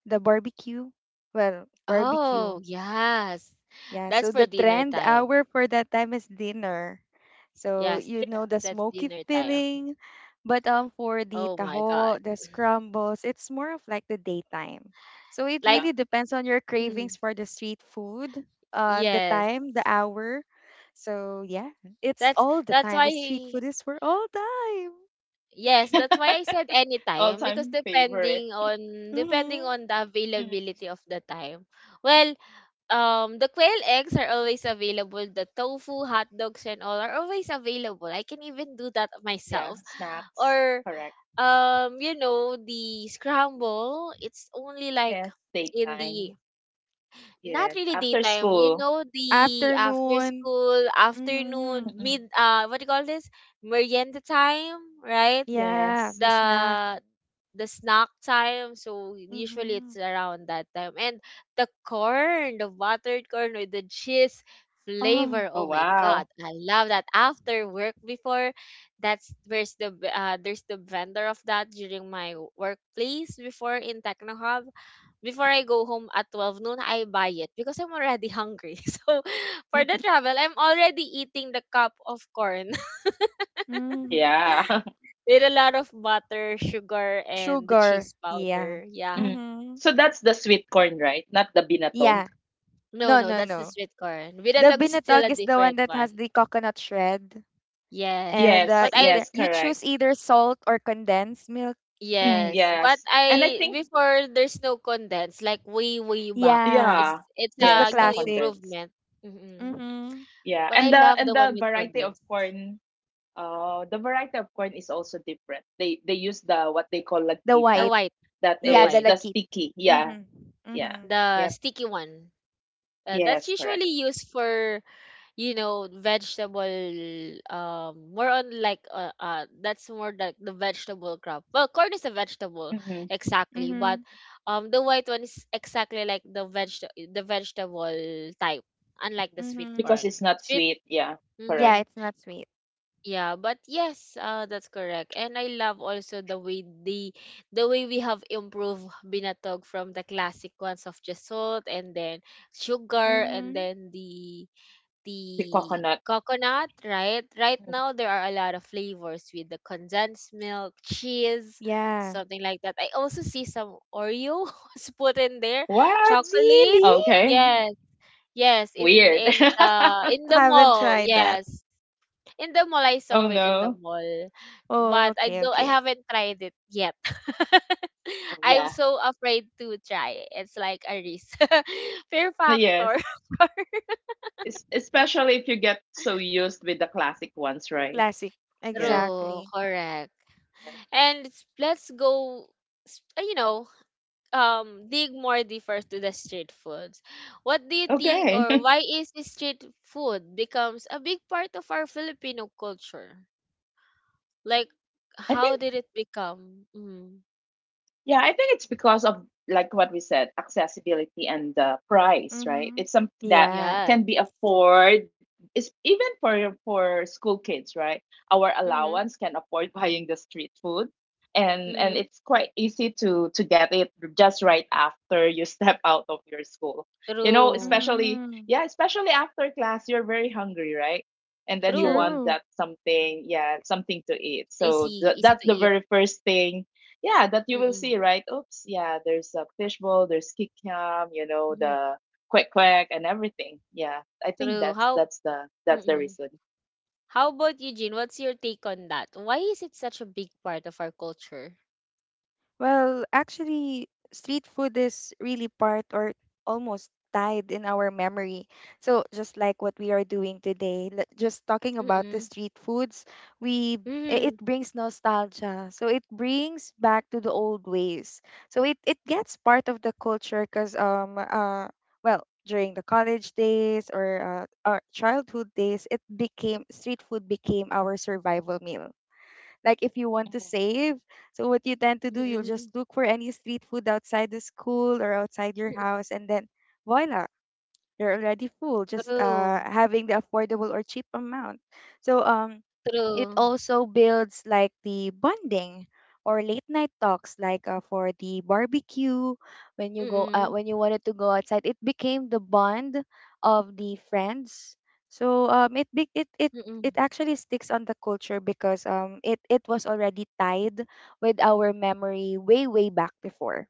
B: the barbecue. Well, barbecue.
A: Oh, yes.
B: Yeah, so
A: That's
B: the
A: for dinner
B: trend
A: time.
B: hour for that time is dinner. So
A: Yes,
B: you
A: that's
C: Yeah.
B: know the
A: dinner
B: smoky
A: time.
B: feeling. But
A: Oh
B: for
A: my
B: the
A: god.
B: taho, the scrambles, it's more of like the daytime. So
A: Like
B: it
C: Yeah.
B: really depends on your
A: mm,
B: cravings for the street food, the
A: yes.
B: time, the hour. So yeah, it's all the
A: That's
B: time. The
A: why,
B: street food is for all time.
A: yes, that's why I said anytime, because
C: All-time favorite.
A: depending on depending
B: Mhm.
A: on the
C: Mm,
A: availability of the time. Well, the quail eggs are always available, the tofu, hot dogs and all are always available. I can even do that
C: yeah,
A: myself.
C: snacks,
A: Or
C: correct.
A: you know, the scramble, it's only like
C: Yes,
A: in the,
C: daytime.
A: not
C: Yes,
A: really
C: after
A: daytime, you
C: school.
A: know, the after
B: Afternoon.
A: school, afternoon,
B: Mhm.
C: Mm-mm.
A: mid, what do you call this? Merienda time, right?
B: Yeah,
C: Yes.
B: the snack.
A: the the snack time, so usually it's
B: Mhm.
A: around that time. And the corn, the buttered corn with the cheese flavor,
B: Oh,
C: Oh,
A: oh my
C: wow.
A: god,
C: <laughs>
A: I love that after work. Before, that's where's the, there's the vendor of that during my workplace before in techno hub. Before I go home at 12 noon, I buy it because I'm already hungry. <laughs> So for the travel, I'm already eating the cup of corn
B: mhm.
C: Yeah. <laughs>
A: with a lot of butter, sugar, and the
B: Sugar.
A: cheese
B: Yeah.
A: powder. Yeah.
C: Mm.
B: Mhm.
C: So that's the sweet corn, right? Not the binatog.
B: Yeah.
A: No,
B: No,
A: no,
B: no,
A: that's the
B: no.
A: sweet corn.
B: The
A: Binatog is still a
B: binatog is the one
A: different
B: that
A: one.
B: has the coconut shred,
A: Yes.
B: and
C: Yes,
A: But I
B: either
C: yes,
B: you
C: correct.
B: choose either salt or condensed milk.
C: Mm,
A: yes, but
C: yes. And I
A: I
C: think
A: before there's no condensed like way way back.
B: Yeah,
A: It's
C: yeah,
A: it's
B: just the
A: a
C: yes, no
A: new
B: classic.
C: condensed.
A: improvement. Mm-mm.
B: Mhm.
C: Yeah.
A: But I
C: And the
A: love
C: and
A: the one
C: the
A: with
C: variety of
A: condensed.
C: corn, the variety of corn is also different. They use the what they call
B: The
A: The
C: lagkitan.
B: white.
A: white,
C: That
A: the
B: Yeah, the
C: is
A: white,
C: the
B: lagkit.
C: sticky. Yeah,
B: Mhm.
C: yeah.
B: Mhm.
A: the
C: Yep.
A: sticky one. That's
C: Yes, correct.
A: usually used for vegetable. More on like, that's more like the vegetable crop. Well, corn is a vegetable
C: Mm-hmm.
A: exactly, but
B: Mhm.
A: the white one is exactly like the vegetable type,
C: hmm
A: unlike the sweet
C: Because
B: Mhm.
C: it's
A: corn.
C: not sweet.
A: Sweet.
C: Yeah, correct.
B: Yeah,
A: Mhm.
B: it's not sweet.
A: Yeah, but yes, that's correct. And I love also the way the way we have improved binatog from the classic ones of just salt, and then sugar, and
B: Mhm.
A: then the
C: The
A: the
C: coconut.
A: coconut, right? Right
C: Mhm.
A: now there are a lot of flavors with the condensed milk, cheese,
B: Yeah.
A: something like that. I also see some Oreo <laughs> was put in there,
C: What?
A: chocolate.
B: Really?
C: Okay.
A: Yes. Yes, in
C: Weird.
A: in the in
C: <laughs>
A: the
B: Haven't
A: mall.
B: tried that.
A: Yes. In the mall, I saw
C: Oh
A: it in the
C: no.
A: mall.
B: Oh,
A: But
B: okay,
A: I
B: okay.
A: haven't tried it yet. <laughs>
C: Oh
A: I'm
C: yeah.
A: so afraid to try. It's like a risk. <laughs> Fear factor.
C: Yes.
A: <laughs>
C: Especially if you get so used with the classic ones, right?
B: Classic.
C: Yeah.
A: True,
B: Exactly.
A: correct. And let's go, s- uh, you know, dig more deeper to the street foods. What do you think,
C: Okay.
A: or
C: <laughs>
A: why is the street food becomes a big part of our Filipino culture? Like,
C: I
A: how
C: think
A: did it become? Mm,
C: Yeah, I think it's because of like what we said, accessibility and the price, right?
B: Mhm.
C: It's something that
B: Yeah.
A: yes.
C: can be afford. It's even for school kids, right? Our
A: Mm-hmm.
C: allowance can afford <laughs> buying the street food, and and
A: Mm-hmm.
C: it's quite easy to get it just right after you <laughs> step out of your school. You know,
A: True.
C: especially
B: Mhm.
C: yeah, especially after class, you're very hungry, right? And then you
A: True.
C: want
B: True.
C: that something, yeah, something to eat. So
A: Easy. Easy
C: that's
A: to
C: the
A: eat.
C: very first thing, yeah, that you will
A: Mm-mm.
C: see, right? Oops, yeah, there's a fishbowl, there's kikiam. You know,
A: Mm-hmm.
C: the quack quack and everything. Yeah, I think
A: True.
C: that's
A: How?
C: that's the that's the
A: Mm-mm.
C: reason.
A: How about Eugene? What's your take on that? Why is it such a big part of our culture?
B: Well, actually, street food is really part or almost tied in our memory. So, just like what we are doing today, just talking about the
A: Mm-mm.
B: street foods, we
A: Mm-hmm.
B: it brings nostalgia. So, it brings back to the old ways. So, it gets part of the culture because well, during the college days or our childhood days, it became street food became our survival meal like if you want to
C: Mhm.
B: save so what you tend to do you'll just
A: Mm,
B: look for any street food outside the school or outside your
A: mm,
B: house and then voila you're already full just
A: true,
B: having the affordable or cheap amount so it
A: true.
B: also builds like the bonding or late night talks like for the barbecue when you go
A: Mm,
B: when you wanted to go outside it became the bond of the friends so it be- it it
A: mm,
B: it actually sticks on the culture because it was already tied with our memory way, way back before.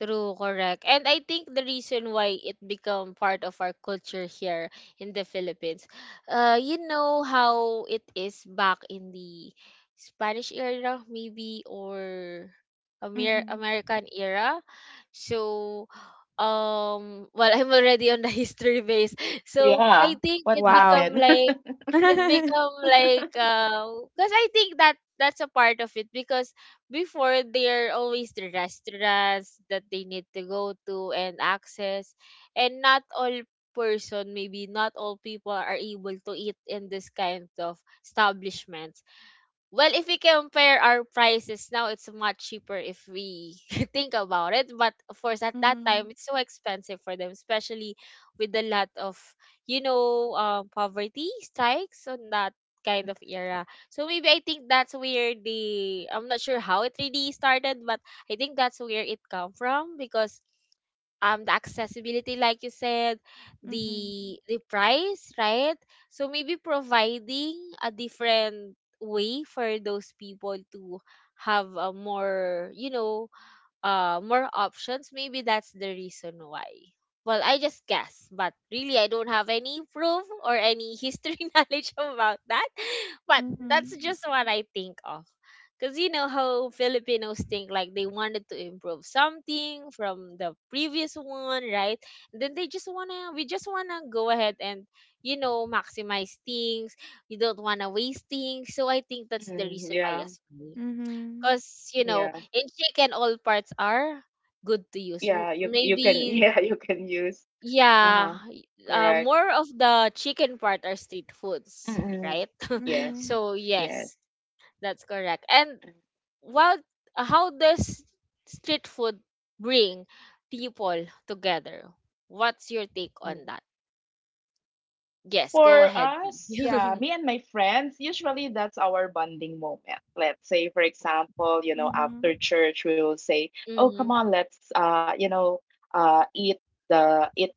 A: true, correct. And I think the reason why it become part of our culture here in the Philippines, you know how it is back in the Spanish era, maybe, or
B: Mm-hmm.
A: American era. So, well, <laughs> I'm already on the <laughs> history base. So I
C: Yeah.
A: think
C: What
B: Wow.
C: happened? <laughs>
A: it
B: <laughs> mm-hmm.
A: become like, because I think that that's a part of it. Because before, there are always the restaurants that they need to go to and access, and not all people are able to eat in this kind of establishments. Well, if we compare our prices now, it's much cheaper if we <laughs> think about it. But of course, at that time, it's so expensive for them, especially with a lot of, poverty strikes on that kind of era. So maybe I think that's where the, I'm not sure how it really started, but I think that's where it come from because the accessibility like you said,
B: Mm-hmm.
A: the price, right? So maybe providing a different way for those people to have a more you know more options, maybe that's the reason why. Well, I just guess, but really I don't have any proof or any history <laughs> knowledge about that, but
B: Mm-hmm.
A: that's just what I think of. Because you know how Filipinos think, like they wanted to improve something from the previous one, right? Then we just wanna go ahead, and, maximize things. We don't wanna waste things. So I think that's the
C: Mm,
A: reason why
C: yeah.
A: as well.
B: Mm-hmm.
A: Because,
C: Yeah.
A: in chicken, all parts are good to use.
C: Yeah. You can <laughs>
A: Maybe,
C: yeah, you can use. Uh huh.
A: yeah,
C: Correct.
A: more of the chicken part are street foods,
C: Mm-mm.
A: right? <laughs>
C: Yes.
B: Mm-hmm.
A: So,
C: Yes.
A: yes. That's correct. And what how does street food bring people together? What's your take on that?
C: Mm-hmm.
A: Yes, go
C: For
A: ahead.
C: us, yeah,
A: <laughs>
C: me and my friends, usually that's our bonding moment. Let's say, for example, after church, we will say, "Oh,
A: Mm-hmm.
C: come on, let's, eat the eat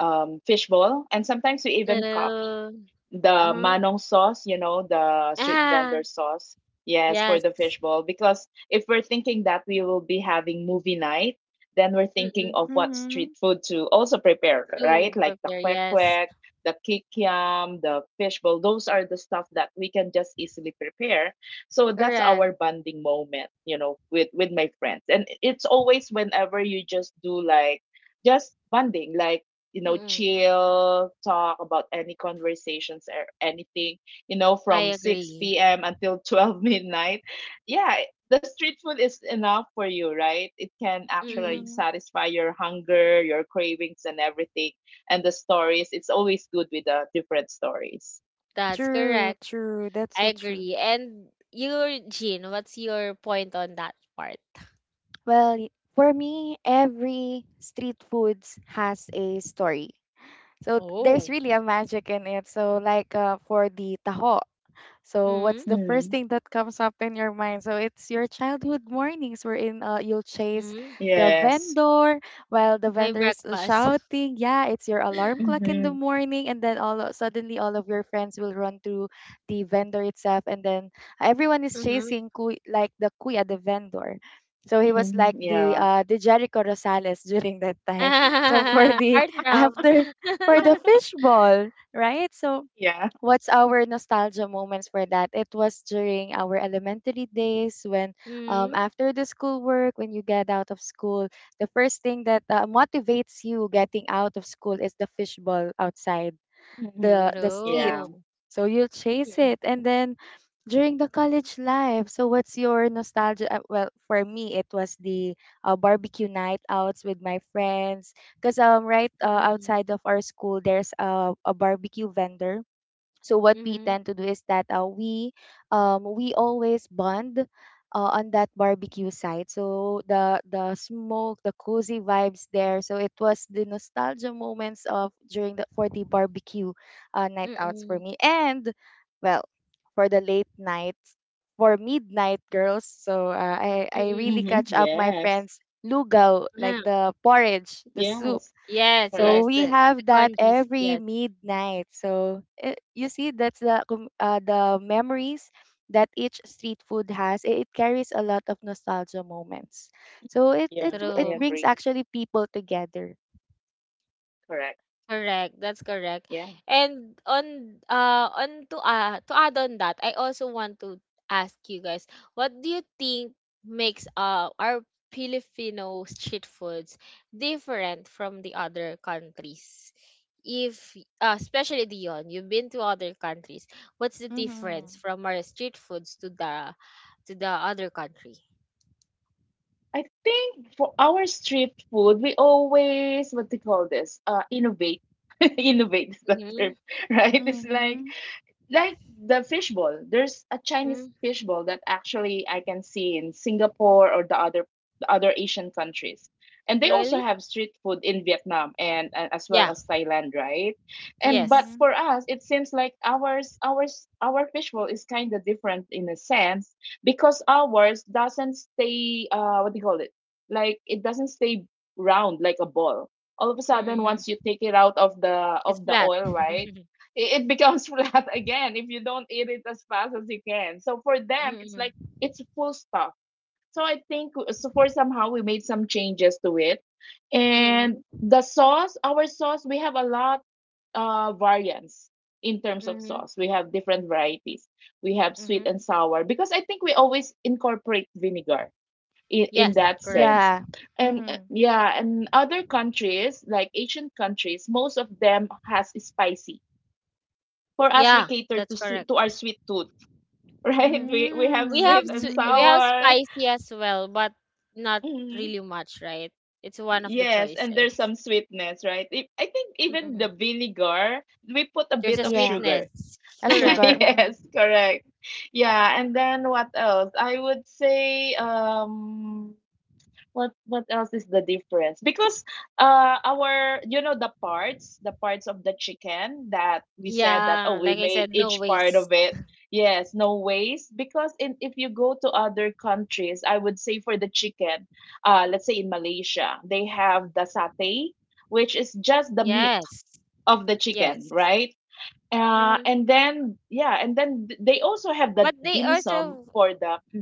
C: fishbowl," and sometimes we even copy
A: True.
C: the
A: Hmm.
C: manong sauce, the street
A: Ah,
C: vendor
A: <laughs>
C: sauce. Yes, for the
A: yes.
C: fishbowl. Because if we're thinking that we will be having movie night, then we're thinking
A: Mm-mm.
C: of what
B: Mm-hmm.
C: street food to also prepare, right?
A: To
C: Like the
A: prepare,
C: kwek
A: yes.
C: kwek, the kikiam, the fishbowl. Those are the stuff that we can just easily prepare. So that's
A: Correct.
C: our bonding moment, with my friends. And it's always whenever you just do like just bonding, like,
A: Mm-mm.
C: chill, talk about any conversations or anything
A: I
C: from
A: agree.
C: 6 p.m. until <laughs> 12 midnight. Yeah, the street food is enough for you, right? It can actually
A: Mm-mm.
B: Mm-hmm.
C: satisfy your hunger, your cravings and everything. And the stories, it's always good with the different stories.
A: That's
B: True,
A: correct.
B: true. That's
A: I
B: so true.
A: agree. And your Jean, what's your point on that part?
B: Well, for me, every street foods has a story. So there's
A: Oh.
B: really a magic in it. So like for the taho, so
A: Mm-hmm.
B: what's the first
C: Mm.
B: thing that comes up in your mind? So it's your childhood mornings wherein you'll chase
A: Mm-hmm.
B: the
C: Yes.
B: vendor while the
A: My
B: vendor is
A: breakfast. <laughs>
B: shouting. Yeah, it's your alarm clock in the
C: Mm-hmm.
B: morning, and then suddenly all of your friends will run to the vendor itself, and then everyone is
A: Mhm.
B: chasing kuy, like the kuya, the vendor. So he was like
C: Mm-hmm. Yeah,
B: the Jericho Rosales <laughs> during that time. <laughs> So for
A: <laughs>
B: the
A: Heartthrob.
B: after for the
A: <laughs>
B: fishball, right? So
C: yeah.
B: what's our nostalgia moments for that? It was during our elementary days when,
A: Mm,
B: after the school work, when you get out of school, the first thing that motivates you getting out of school is the fishball outside
C: Mm-hmm.
B: the street.
C: Yeah.
A: true.
B: So you'll chase
A: Mm,
B: it, and then during the college life. So what's your nostalgia? Well, for me, it was the barbecue night outs with my friends. Cause right
A: mm,
B: outside of our school, there's a barbecue vendor so what we
A: mhm,
B: tend to do is that we always bond on that barbecue site. So the smoke, the cozy vibes there. So it was the nostalgia moments of during the for the barbecue night outs for
A: mm,
B: me, and well, for the late nights for midnight girls. So I really
A: mm.
C: Mm-hmm.
B: catch up my
C: Yes,
B: friends lugaw like
A: Huh.
B: the porridge, the soup
C: yes,
A: Yes,
B: so
A: yes,
C: correct.
B: we have
A: the
B: that
A: congees.
B: every
A: Yes,
B: midnight. So eh, you see, that's the the memories that each street food has. It carries a lot of nostalgia moments. So it it
C: Yeah,
B: it
C: I
A: true.
B: brings
C: agree.
B: actually people together.
C: Correct.
A: Correct. That's correct.
C: Yeah.
A: And on to add on that, I also want to ask you guys, what do you think makes our Filipino street foods different from the other countries? If especially Dion, you've been to other countries. What's the
B: Mm-hmm.
A: difference from our street foods to the other country?
C: I think for our street food, we always what do you call this? Innovate, <laughs> innovate is the
A: Mm-hmm.
C: term, <laughs> right? It's like
B: Mm-hmm.
C: like the fishbowl. There's a Chinese
A: Hmm.
C: fishbowl that actually I can see in Singapore or the other Asian countries. And they also
A: Really?
C: have street food in Vietnam and as well
A: Yeah.
C: as Thailand, right? And but
A: Yes.
C: for
B: Mm-hmm.
C: us, it seems like our fishbowl is kind of different in a sense because ours doesn't stay, what do you call it? Like it doesn't stay round like a ball. All of a sudden
A: Mm-hmm.
C: once you take it out of the,
A: It's flat. <laughs>
C: oil, right? It becomes <laughs> flat again if you don't eat it as fast as you can. So for them, it's like
A: Mm-hmm.
C: it's full stuff. So I think, so for somehow we made some changes to it, and
A: Mm-hmm.
C: the sauce, our sauce, we have a lot, variants in terms of
A: Mm-hmm.
C: sauce. We have different varieties. We have sweet
A: Mm-hmm.
C: and sour because I think we always incorporate vinegar in
A: Yes,
C: that
A: correct.
C: sense.
B: Yeah,
C: And
B: Mm-hmm.
C: yeah, and other countries like Asian countries, most of them has spicy. For us we
A: Yeah,
C: cater to
A: that's correct.
C: to our sweet tooth, <laughs> right,
A: Mm-hmm.
C: we have
A: We have
C: sweet and
A: we
B: Mm-hmm.
A: have
C: sour.
A: spicy as well, but not
C: Mhm.
A: really much, right? It's one of the
C: Yes, and
A: choices.
C: there's some sweetness, right? I think even
A: Mm-hmm.
C: the vinegar we put a
A: There's
C: bit
A: a
C: of
B: yeah,
A: sweetness.
C: sugar.
B: a
C: <laughs>
A: Correct.
B: sugar. Mm-hmm.
C: Yes, correct. Yeah, and then what else I would say, what else is the difference? Because our you know the parts of the chicken that we said that,
A: Yeah,
C: oh,
A: like
C: we
A: I said,
C: made
A: no
C: each part of
A: waste.
C: it.
A: <laughs>
C: Yes, no waste. Because in if you go to other countries, I would say for the chicken, let's say in Malaysia, they have the satay, which is just the meat
A: Yes.
C: of the chicken,
A: Yes.
C: right?
A: Mm-hmm.
C: And then Yeah, and then they also have the
A: But
C: dim
A: they
C: sum
A: also,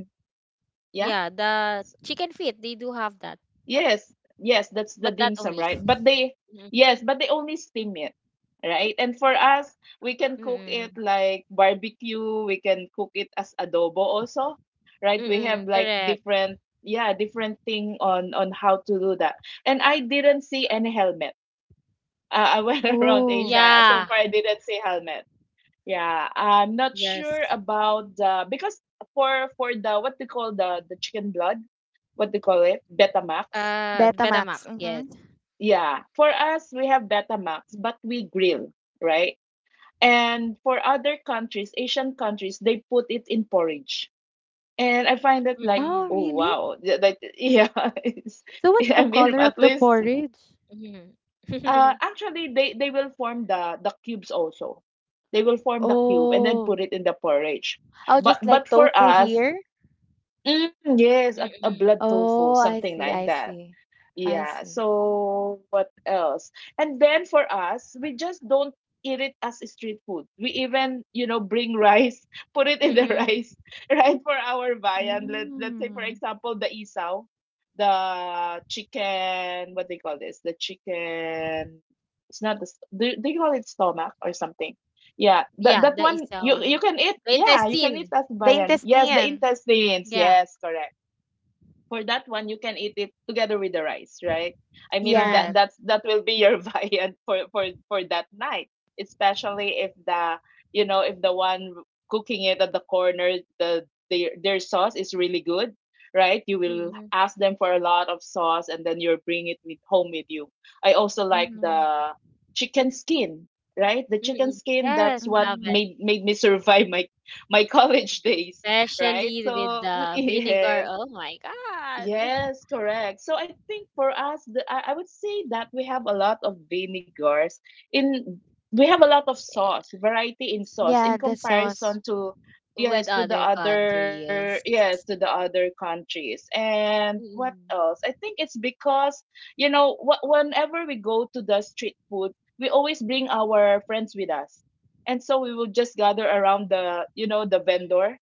C: yeah.
A: yeah, the chicken feet, they do have that.
C: Yes, yes, that's the
A: But
C: dim
A: that
C: sum,
A: only.
C: right?
A: <laughs> Mm-mm.
C: Yes, but they only steam it, right? And for us, we can cook it
A: Mm-mm.
C: like barbecue, we can cook it as adobo also, right? We have
A: Mm-mm.
C: like
A: Correct.
C: yeah, different thing on how to do that. And I didn't see any helmet. <laughs> I went <laughs> around
B: Ooh,
C: Asia. So
A: Yeah.
C: far I didn't see helmet. Yeah, I'm not
A: Yes.
C: sure about the, because for the, what they call, the chicken blood, what they call it, Betamax.
A: Ah,
B: Betamax.
A: Betamax,
B: Mm-hmm.
A: yes.
C: Yeah. For us, we have Betamax, but we grill, right? And for other countries, Asian countries, they put it in porridge. And I find that like,
A: Mm,
B: Oh,
C: oh
B: really?
C: wow, <laughs> that, yeah, <laughs> it's —
B: So what's the
C: I mean
B: color of
C: at
B: the
C: least,
B: porridge?
A: mhm.
C: actually they will form the cubes also. They will form the cube and then put
B: Oh.
C: it in the porridge.
B: Oh,
C: But
B: just like
C: but for
B: tofu
C: us,
B: here?
C: yes, a
A: Mm,
C: blood tofu,
B: Oh, I
C: something
B: see,
C: like
B: I
C: that.
B: see. I
C: Yeah,
B: see.
C: so what else? And then for us, we just don't eat it as street food. We even, bring rice, <laughs> put it in the
A: mm.
C: rice,
A: <laughs>
C: <laughs> right? For our viand. Let's say, for
B: Mm.
C: example, the isaw, the chicken, what they call this? The chicken, it's not they call it stomach or something. Yeah, that
A: Yeah,
C: that
A: the
C: one
A: isaw.
C: you can eat.
A: The
C: Yeah, you can eat
A: intestine.
C: as
B: The
C: viand. Yes, the
B: intestine.
C: intestines.
A: Yeah,
C: Yes, correct. For that one you can eat it together with the rice, right? I mean
B: Yeah.
A: correct.
C: that will be your <laughs> viand for that night, especially if the one cooking it at the corner, their sauce is really good, right? You will
A: Mm,
C: ask them for a lot of sauce and then you'll bring it with home with you. I also like
B: Mm-hmm.
C: the chicken skin, right? The chicken
A: mm.
C: skin,
A: Yes,
C: that's what
A: love
B: Mm-hmm.
A: it.
C: made me <laughs> survive my college days, right?
A: Especially with
C: So <laughs>
A: the vinegar.
C: yes.
A: Oh my God.
C: Yes, correct. So I think for us, I would say that we have a lot of vinegars in, we have a lot of sauce, variety in sauce
B: Yeah,
C: in
B: the sauce.
C: comparison to,
A: With
C: yes, to
A: other
C: the other
A: countries.
C: yes, to the other countries. And what
A: Mm,
C: else? I think it's because, wh whenever we go to the street food, we always bring our friends with us. And so we will just gather around the vendor,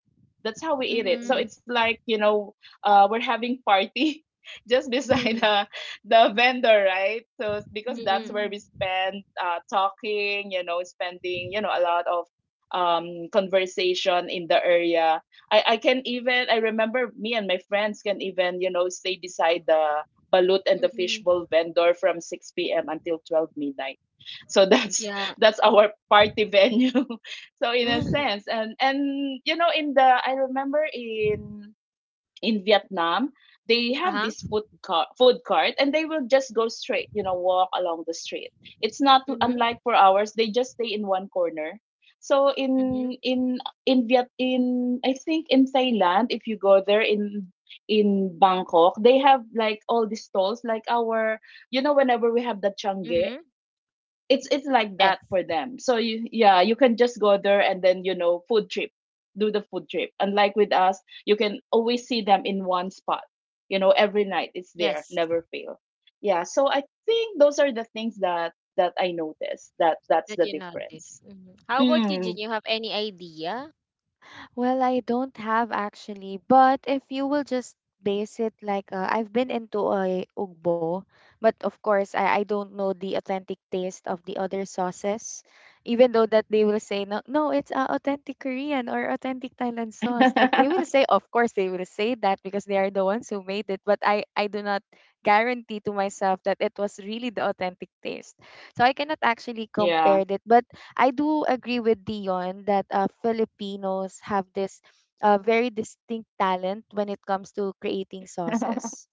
C: that's how we eat it. So
B: Mm-hmm.
A: mm,
C: it's like, we're having party <laughs> just beside
A: mm,
C: the vendor, right? So because
B: Mm-hmm.
A: mm,
C: that's where we spend, talking, spending a lot of conversation in the area. I can even I remember me and my friends can even stay beside the balut and the
A: mm.
C: fishbowl vendor from 6 p.m. until 12 midnight. So that's
A: Yeah.
C: <laughs> that's our party venue. <laughs> So in a
A: <laughs>
C: sense, and you know in the I remember in Vietnam, they have
A: Uh-huh.
C: this food cart, and they will just go straight, walk along the street. It's not unlike
A: Mm-hmm.
C: for ours; they just stay in one corner. So
A: Mm-hmm.
C: in Viet in I think in Thailand, if you go there in Bangkok, they have like all these stalls, like our, you know, whenever we have the change,
A: Mm-hmm.
C: it's like
A: Yes.
C: that for them. So you yeah, you can just go there and then food trip, do the food trip. Unlike with us, you can always see them in one spot. Every night it's there,
A: Yes.
C: never fail. Yeah, so I think those are the things that I noticed. That's
A: That
C: the
A: you noticed.
C: difference.
A: Mhm. How about you, Jin?
C: Mm.
A: You have any idea?
B: Well, I don't have actually, but if you will just base it like I've been into a ugbo, but of course I don't know the authentic taste of the other sauces, even though that they will say no, no, it's authentic Korean or authentic Thailand sauce. Like they will
C: <laughs>
B: say, of course they will say that because they are the ones who made it, but I do not guarantee to myself that it was really the authentic taste. So I cannot actually compare
C: Yeah.
B: it, but I do agree with Dion that Filipinos have this very distinct talent when it comes to creating
C: <laughs>
B: sauces.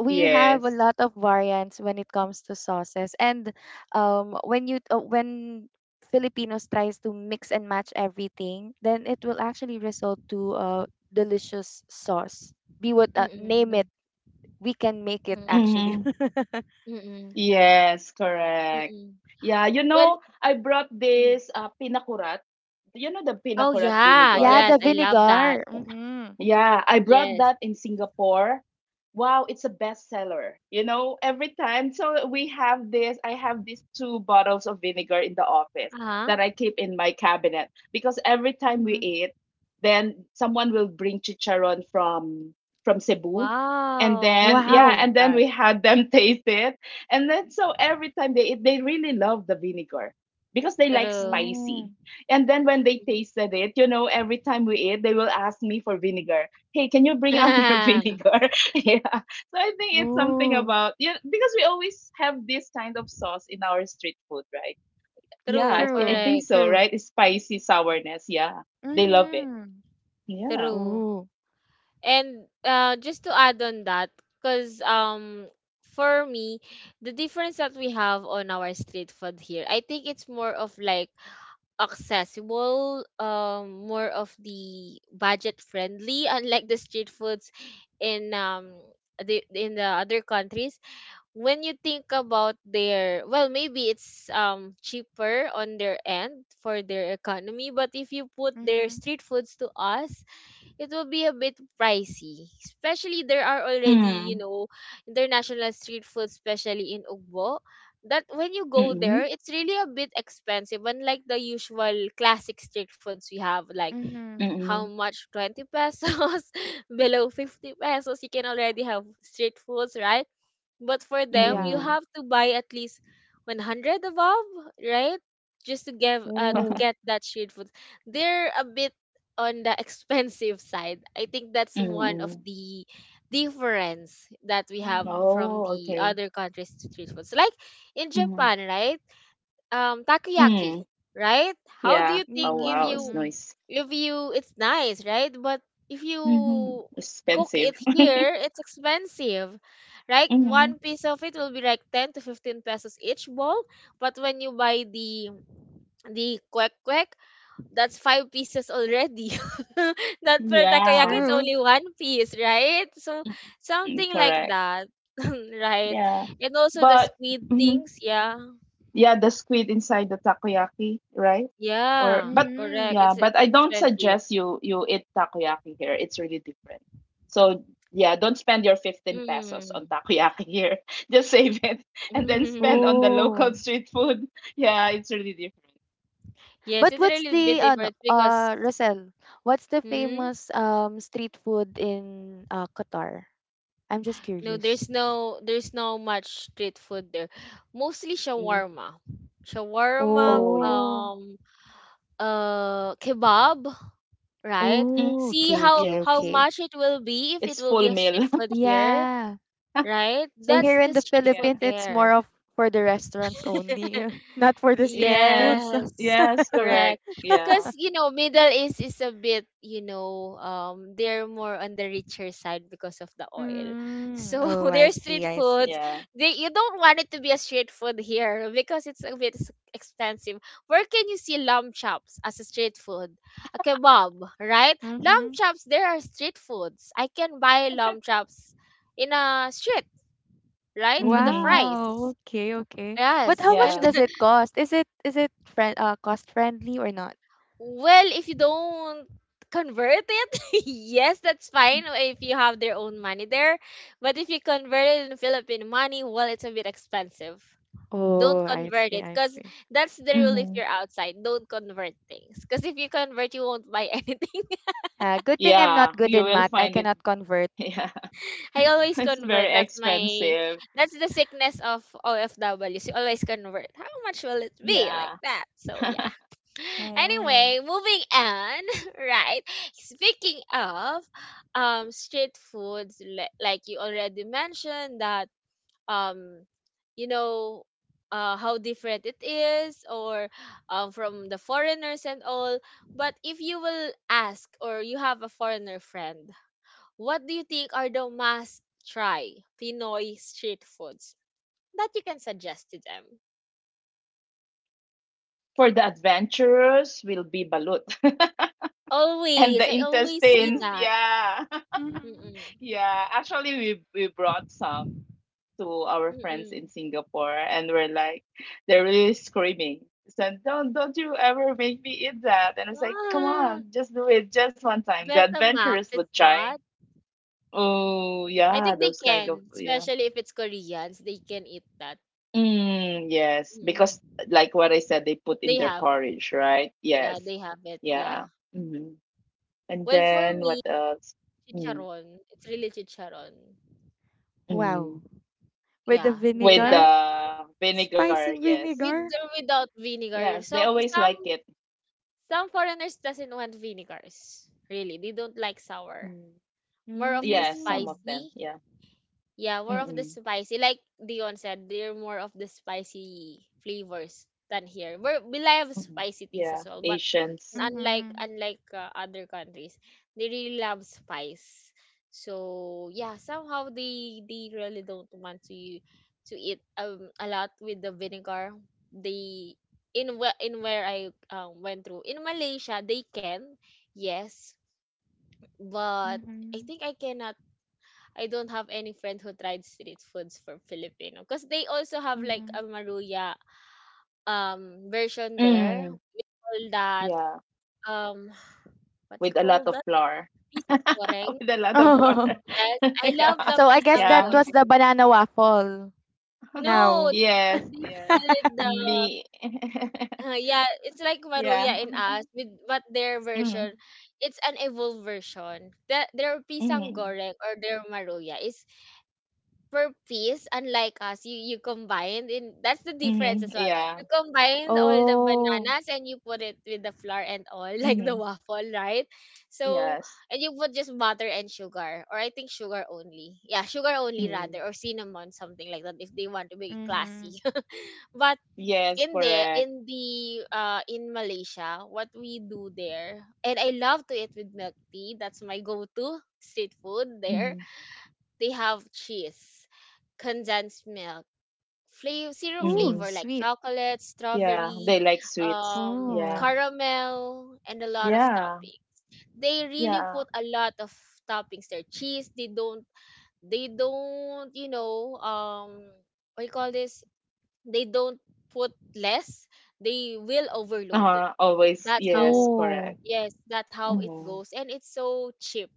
B: We have a
C: Yes.
B: lot of variants when it comes to sauces, and when you when Filipinos tries to mix and match everything, then it will actually result to a delicious sauce. Be what name
A: Mm-mm,
B: it, we can make it
A: mm-mm,
B: actually.
C: Mm-hmm.
B: <laughs>
A: mm-mm,
C: Yes, correct.
A: mm-mm.
C: Yeah, you
A: Well,
C: know, I brought
A: mm.
C: this pinakurat. You know the
A: Oh
C: pinakurat
A: yeah,
B: yeah,
C: vinegar?
A: yes,
B: the
A: I love that.
B: vinegar. Mm-hmm.
C: Yeah, I brought
A: Yes.
C: that in Singapore. Wow, it's a bestseller. You know, every time. So we have this, I have these two bottles of vinegar in the office
A: Uh-huh.
C: that I keep in my cabinet because every time we
B: Mm-hmm.
C: eat, then someone will bring chicharron from Cebu. And
A: Wow.
C: then
A: Oh
C: yeah,
B: Wow.
A: my
C: and then
A: God.
C: we had them <laughs> taste it. And then so every time they eat, they really love the vinegar because they like
A: True.
C: spicy.
B: Mm.
C: And then when they
A: Mm.
C: tasted it, you know, every time we eat, they will ask me for vinegar. Hey, can you bring out <laughs> your
A: <laughs>
C: vinegar? <laughs> yeah. So I think it's something
B: Ooh,
C: about yeah, because we always have this kind of sauce in our street food, right? Yeah, I
A: True,
C: think I
B: true,
C: think
A: correct.
C: so,
B: true.
C: right? It's spicy sourness. Yeah. They love it.
B: Mhm.
C: Yeah.
A: True.
B: Ooh.
A: And just to add on that, because for me, the difference that we have on our street food here, I think it's more of like accessible, more of the budget friendly, unlike the street foods in the in the other countries. When you think about their, well, maybe it's cheaper on their end for their economy, but if you put their
B: Mhm.
A: street foods to us, it will be a bit pricey. Especially there are already,
C: Mm.
A: international street food, especially in Ugbo, that when you go there,
C: Mm-mm.
A: it's really a bit expensive. Unlike the usual classic street foods we have, like
B: Mhm.
A: how
C: Mm-mm.
A: much? 20 pesos, <laughs> below 50 pesos, you can already have street foods, right? But for them, you
B: Yeah.
C: Mm-mm.
A: have to buy at least 100 above, right? Just to
B: Ooh.
A: get
C: <laughs>
A: that street food. They're a bit on the <laughs> expensive side. I think that's one of
C: Mm-mm.
A: the difference that we have
B: Mhm.
A: from
C: Oh,
A: the
C: okay.
A: other countries street foods. Like in
C: Mm.
A: Japan, right? Takoyaki,
C: Mm.
A: right? How do
C: Yeah.
A: you think,
C: Oh
B: Mhm.
C: wow, it's
B: Mhm.
C: nice.
A: if you it's nice, right? But if
C: Mm-hmm.
A: you cook
C: Expensive.
A: it
C: <laughs>
A: here, it's expensive. Right?
C: mm-hmm.
A: One piece of it will be like 10 to 15 pesos each bowl, but when you buy the kwek kwek, that's five pieces already. <laughs> That for takoyaki
C: Yeah.
A: it's
B: True.
A: only one piece, right? So
C: Mm,
A: something like
C: correct.
A: that. <laughs> Right.
C: Yeah.
A: And also the
C: But
A: squid
C: mhm,
A: things, yeah.
C: yeah, the squid inside the takoyaki, right? Or
A: Yeah,
C: but
A: correct.
B: Mhm.
C: yeah,
A: It's
C: but
A: it's
C: I don't
A: expensive.
C: suggest you eat takoyaki here. It's really different. So yeah, don't spend your 15 pesos on
A: Mm.
C: takoyaki here. <laughs> Just save it <laughs> and then spend
A: <laughs>
C: on the local
B: Ooh.
C: street food. <laughs> Yeah, it's really different.
A: Yes,
B: But
A: it's
B: what's
A: really a
B: the
A: bit
B: ano,
A: different because
B: Rosel, what's the
A: hmm,
B: famous street food in Qatar? I'm just
A: no,
B: curious.
A: there's no much street food there. Mostly
C: Mhm.
A: shawarma. Shawarma,
C: Oh yeah.
B: Oh.
A: kebab, right?
C: Mm,
B: Oh,
A: See
B: okay,
A: how
B: okay,
C: yes.
A: how
B: okay.
A: much it will be if
C: It's
A: it will
C: full
A: be a
C: meal.
A: street food
C: <laughs>
A: here,
B: Yeah.
A: right?
B: So
A: That's
B: here in
A: the
B: the
A: street
C: Yeah.
A: food
B: Philippines, it's more
A: there.
B: of for the restaurants only, <laughs> not for the street foods.
C: Yes.
A: Yes,
C: Yes,
A: correct.
C: correct. Yeah.
A: Because, Middle East is a bit, they're more on the richer side because of the oil.
B: Mm,
A: So
B: oh,
A: <laughs>
B: I
A: their
B: see,
A: street
B: I see.
A: foods,
C: Yeah.
A: they you don't want it to be a street food here <laughs> because it's a bit expensive. Where can you see lamb chops as a street food? A kebab, right? Lamb
B: Mm-hmm.
A: chops, there are street foods. I can buy lamb chops in a street, right? With the
C: Mhm.
A: fries.
B: Wow. Okay, okay. But how
A: Yes,
B: much
A: and
C: Yeah.
B: does it cost? Is it friend cost friendly or not?
A: well, if you don't convert it, <laughs> yes, that's
C: Mm.
A: fine if you have their own money there. But if you convert it in Philippine money, well, it's a bit expensive. Don't
B: Oh, I
A: convert
B: see,
A: it
B: I
A: because
B: see.
A: that's the rule if
C: Mhm.
A: you're outside. Don't convert things because if you convert, you won't buy <laughs> anything.
B: Good thing I'm not
C: Yeah,
B: good
C: you
B: in
C: will
B: math. I
C: find it. <laughs>
B: cannot convert. <gasps>
C: Yeah.
A: I always
C: It's
A: convert.
C: very expensive.
A: That's the sickness of OFWs. You always convert. How much will it be? Like
C: Yeah.
A: that. So yeah.
C: <laughs>
A: <laughs> Anyway, moving on, <laughs> right? Speaking of street foods, like you already mentioned that um you know how different it is, or from the foreigners and all, but if you will ask, or you have a foreigner friend, what do you think are the must try Pinoy street foods that you can suggest to them?
C: For the adventurers will be balut. <laughs> And
A: Always,
C: the
A: I always see
C: intestines,
A: that.
B: Mm.
C: yeah.
B: Mm-hmm.
A: Mm-mm.
C: <laughs> Yeah. Actually we brought some to our friends in
A: Mm-mm.
C: Singapore and we're like they're really screaming. Said, don't you ever make me eat that. And I was like, come
A: Ah,
C: on, just do it just one time. The
A: Betamax,
C: adventurers
A: it's
C: would try.
A: not.
C: Oh
A: I
C: yeah,
A: think they
C: those kind of
A: can,
C: yeah.
A: especially if it's Koreans, they can eat that.
C: Mm, yes, because
A: Mm-mm.
C: like what I said, they put in
A: They
C: their
A: have,
C: porridge, right? Yes.
A: yeah, they have it,
C: Yeah.
A: yeah.
C: Mm-hmm. And
A: Well, for
C: then
A: me,
C: what else? Mm,
A: chicharon, it's really chicharon.
B: Wow.
C: mm.
B: With the
A: Yeah, they
C: With
A: love
B: vinegar,
C: the vinegar,
B: spicy
C: yes.
A: with
B: vinegar.
A: or without
C: Yes, they
A: vinegar.
C: always
A: Some
C: like
A: some
C: it.
A: Some foreigners doesn't want vinegars. Really, they don't like sour.
C: Mm.
A: More of the
C: Yes, some of
B: Mm.
C: them.
A: spicy.
C: Yeah.
A: Yeah, more of
C: Mm-mm.
A: the spicy. Like Dion said, they're more of the spicy flavors than here. We love
C: Mm-mm.
A: spicy
C: Yeah,
A: things as well, but
C: Asians.
A: unlike
B: Mm-hmm.
A: unlike uh, other countries. They really love spice. So yeah, somehow they really don't want to eat a lot with the vinegar. They, in where I went through in Malaysia, they can, yes, but I
B: Mm-hmm.
A: think I cannot. I don't have any friend who tried street foods for Filipino because they also have like
B: Mm-hmm.
A: a maruya version there.
C: Mm,
A: Call that,
C: yeah,
A: um what do you
C: with a lot
A: call,
C: of flour.
A: pisang
C: <laughs>
A: goreng?
C: With a lot of flour.
B: Oh. <laughs>
A: Yes,
C: <laughs>
A: I love
C: Yeah.
A: the
B: So I guess
A: pisang
B: that
C: Yeah.
B: was the
A: goreng.
B: banana waffle
C: <laughs>
A: No,
B: now.
C: Yes,
A: they
C: yes.
A: call it
B: <laughs>
A: the
C: Me. <laughs>
A: yeah, it's like
C: Yeah.
A: maruya in us with, but their
C: Mm,
A: version, it's an evolved version. That their pisang
C: mm,
A: goreng or their maruya is per piece, unlike us, you combined in, that's the difference
C: mm,
A: as well.
C: yeah.
A: You combined all the
B: Oh.
A: bananas and you put it with the flour and all, <laughs> like the
C: Mm,
A: waffle, right? So,
C: yes.
A: and you put just butter and sugar, or I think sugar only. Yeah, sugar only
C: Mm,
A: rather, or cinnamon, something like that, if they want to be classy.
B: Mm-hmm.
A: <laughs> But
C: yes,
A: in there,
C: correct.
A: in the in Malaysia, what we do there, and I love to eat with milk tea. That's my go-to street food there.
C: Mm,
A: They have cheese, condensed milk, flavor, syrup
B: Ooh,
C: mm,
A: flavor like
B: sweet.
A: chocolate,
C: yeah.
A: strawberry,
C: They like sweets. Yeah.
B: Oh.
A: caramel, and a lot of
C: Yeah.
A: toppings. They really put
C: Yeah.
A: a lot of toppings there. Cheese, they don't, what you call this? They don't put less. They will overload it.
C: Always.
A: That's
C: Yes,
A: how,
B: Oh.
C: correct.
A: yes, that's how it
C: Mm-hmm.
A: goes. And it's so cheap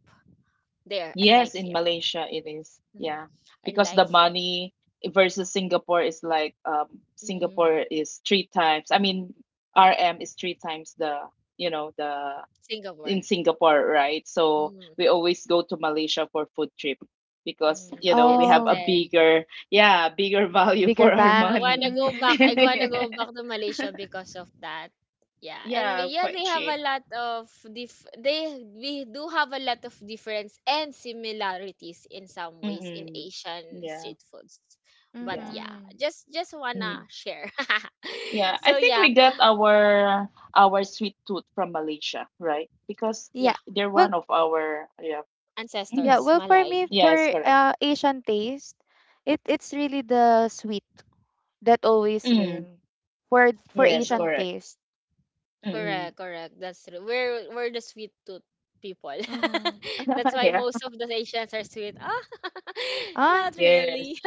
A: there,
C: Yes,
A: unlike
C: in
A: here.
C: Malaysia it is.
A: Mhm.
C: Yeah. Because the
A: Unlike here.
C: money versus Singapore is like Singapore
A: Mm.
C: is three times. I mean, RM is three times the, you know, the
A: Singapore.
C: in Singapore, right? So
A: Mm,
C: we always go to Malaysia for food trip because,
A: mhm.
C: you know, we
A: It's
C: have a
B: Oh.
A: best.
C: bigger, yeah, bigger <laughs> value
B: Bigger
C: for our
B: bank.
A: I wanna
C: money.
A: go
B: Mm-hmm.
A: back. I wanna
B: Mm-hmm.
A: go
C: <laughs>
A: back to Malaysia because of that. Yeah, and
C: Yeah,
A: yeah,
C: quite
A: they have
C: cheap.
A: a lot of dif- they we do have a lot of difference and similarities in some ways in
C: Mm-mm.
A: Asian
C: Yeah,
A: street foods. But
C: yeah.
A: yeah,
B: Mm-hmm.
A: just wanna share. <laughs>
C: Yeah, I
A: So
C: think
A: yeah,
C: we get our sweet tooth from Malaysia, right? Because
B: Yeah.
A: yeah,
C: they're
B: Well,
C: one of our yeah.
B: yeah,
C: Mm.
A: ancestors,
B: well for me
A: Malay.
C: Yes,
B: for
C: correct.
B: Asian taste, it's really the sweet that always
C: Mm.
B: reign for
C: Yes,
B: Asian
A: True.
C: correct.
B: taste.
C: Mm.
A: Correct, correct. That's true. We're the sweet tooth people. <laughs>
B: Mm-hmm.
A: That's
C: <laughs>
A: why
C: yeah.
A: most of the Asians are sweet. Ah, <laughs>
B: Ah,
A: not really.
C: Yes.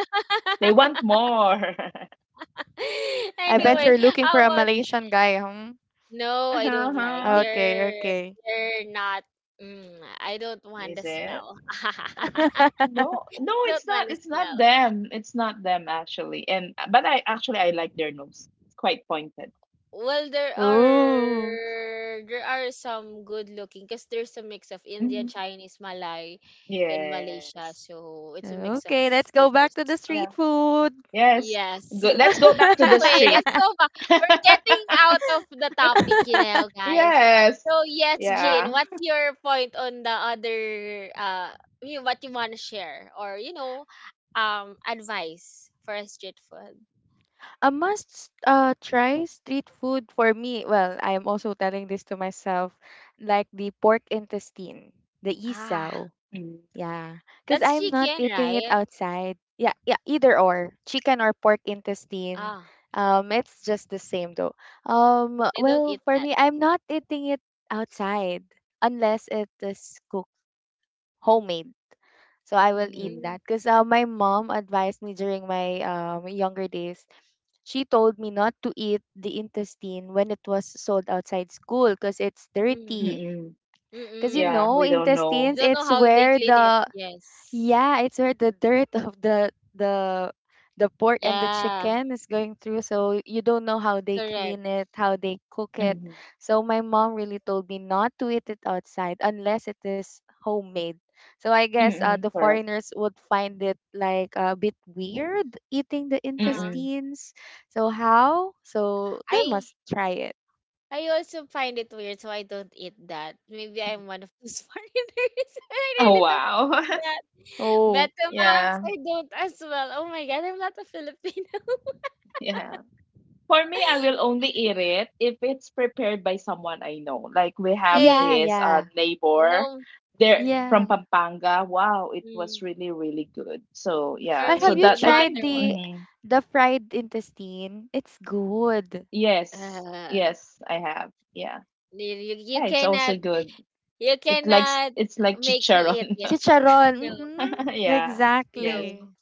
C: They want
A: <laughs>
C: more.
B: I bet
C: <laughs>
A: Anyway,
B: you're looking for
A: how
B: a
A: about,
B: Malaysian guy, hmm?
A: no, I don't like.
C: Uh-huh.
B: Okay,
A: They're
B: okay.
A: they're not, mm, I don't want
C: Is
A: the
C: it?
A: smell. <laughs>
B: <laughs>
C: No, no,
A: Don't
C: it's
A: want
C: not.
A: the
C: It's not
A: smell.
C: them. It's not them actually. And but I actually I like their nose. It's quite pointed.
A: Well, there
B: Oh,
A: are there are some good looking because there's a mix of Indian,
C: Hmm.
A: Chinese, Malay in Malaysia,
C: Yes.
A: so it's a mix of
B: Okay, let's go back
A: cultures
B: to the
A: as well.
C: Yeah.
B: street food.
C: Yes.
A: Yes.
C: Go. Let's
A: <laughs>
C: go back to the
A: Anyway,
C: street.
A: let's go
B: <laughs>
A: back. We're
C: <laughs>
A: getting out of the topic, you know, guys.
C: Yes.
A: So yes,
C: Yeah.
A: Jean, what's your point on the other you what you wanna share or advice for a street food?
B: A must try street food for me. Well, I am also telling this to myself, like the pork intestine, the
A: Ah,
B: isaw.
C: Mm,
B: Yeah, because
A: that's
B: I'm not
A: chicken,
B: eating it
A: right?
B: outside. Yeah, yeah, either or chicken or pork intestine.
A: Ah,
B: It's just the same though.
A: I don't
B: Well,
A: eat
B: for
A: that.
B: me, I'm not eating it outside unless it is cooked homemade. So I will eat
C: mm,
A: Mm,
B: that because my mom advised me during my younger days. She told me not to eat the intestine when it was sold outside school because it's
A: mm,
B: dirty.
C: mm-mm.
B: Because you
C: Yeah,
A: mm-mm.
B: know,
C: we don't know.
A: You
B: intestines,
A: don't know
B: it's
A: how they
B: where
A: clean it.
B: the
A: Yes.
B: yeah, it's where the dirt of the the pork and the
A: Yeah,
B: chicken is going through, so you don't know how they clean
A: correct.
B: it, how they cook it.
C: Mm-mm.
B: So my mom really told me not to eat it outside unless it is homemade. So I guess the
C: Mm-mm. Correct.
B: foreigners would find it like a bit weird eating the
A: Uh-huh.
C: Mm-mm.
B: intestines. So how? So they
A: I
B: must try it.
A: I also find it weird, so I don't eat that. Maybe I'm
C: Mm.
A: one of those <laughs> foreigners. I
C: Oh,
A: really don't
C: wow.
A: eat
C: <laughs>
A: that.
B: Oh.
A: Betamangs,
C: Yeah.
A: I don't as well. Oh my god, I'm not a Filipino.
C: Yeah. For me, I
A: <laughs>
C: will only eat it if it's prepared by someone I know. Like we have
B: Yeah,
A: Hey,
C: this
B: yeah,
C: neighbor
A: no.
C: there
A: Mm,
C: from
B: yeah.
C: Pampanga. Wow, it was
A: mm,
C: really, really good. So yeah.
A: for
B: Or
C: So
B: have
A: me,
B: you
A: no
C: that I
B: tried
A: matter
C: think
A: what.
B: the
A: <laughs>
C: mhm.
B: fried intestine? It's good.
C: Yes.
A: Uh,
C: Yes, I have. Yeah.
A: you
C: Yeah, it's also
A: cannot,
C: good.
A: you
C: It likes
A: cannot
C: it's like
A: make me eat
C: chicharon.
A: it.
B: Chicharon.
A: No,
C: <laughs>
B: Mm-hmm.
C: yeah. Yes.
B: Exactly.
A: no.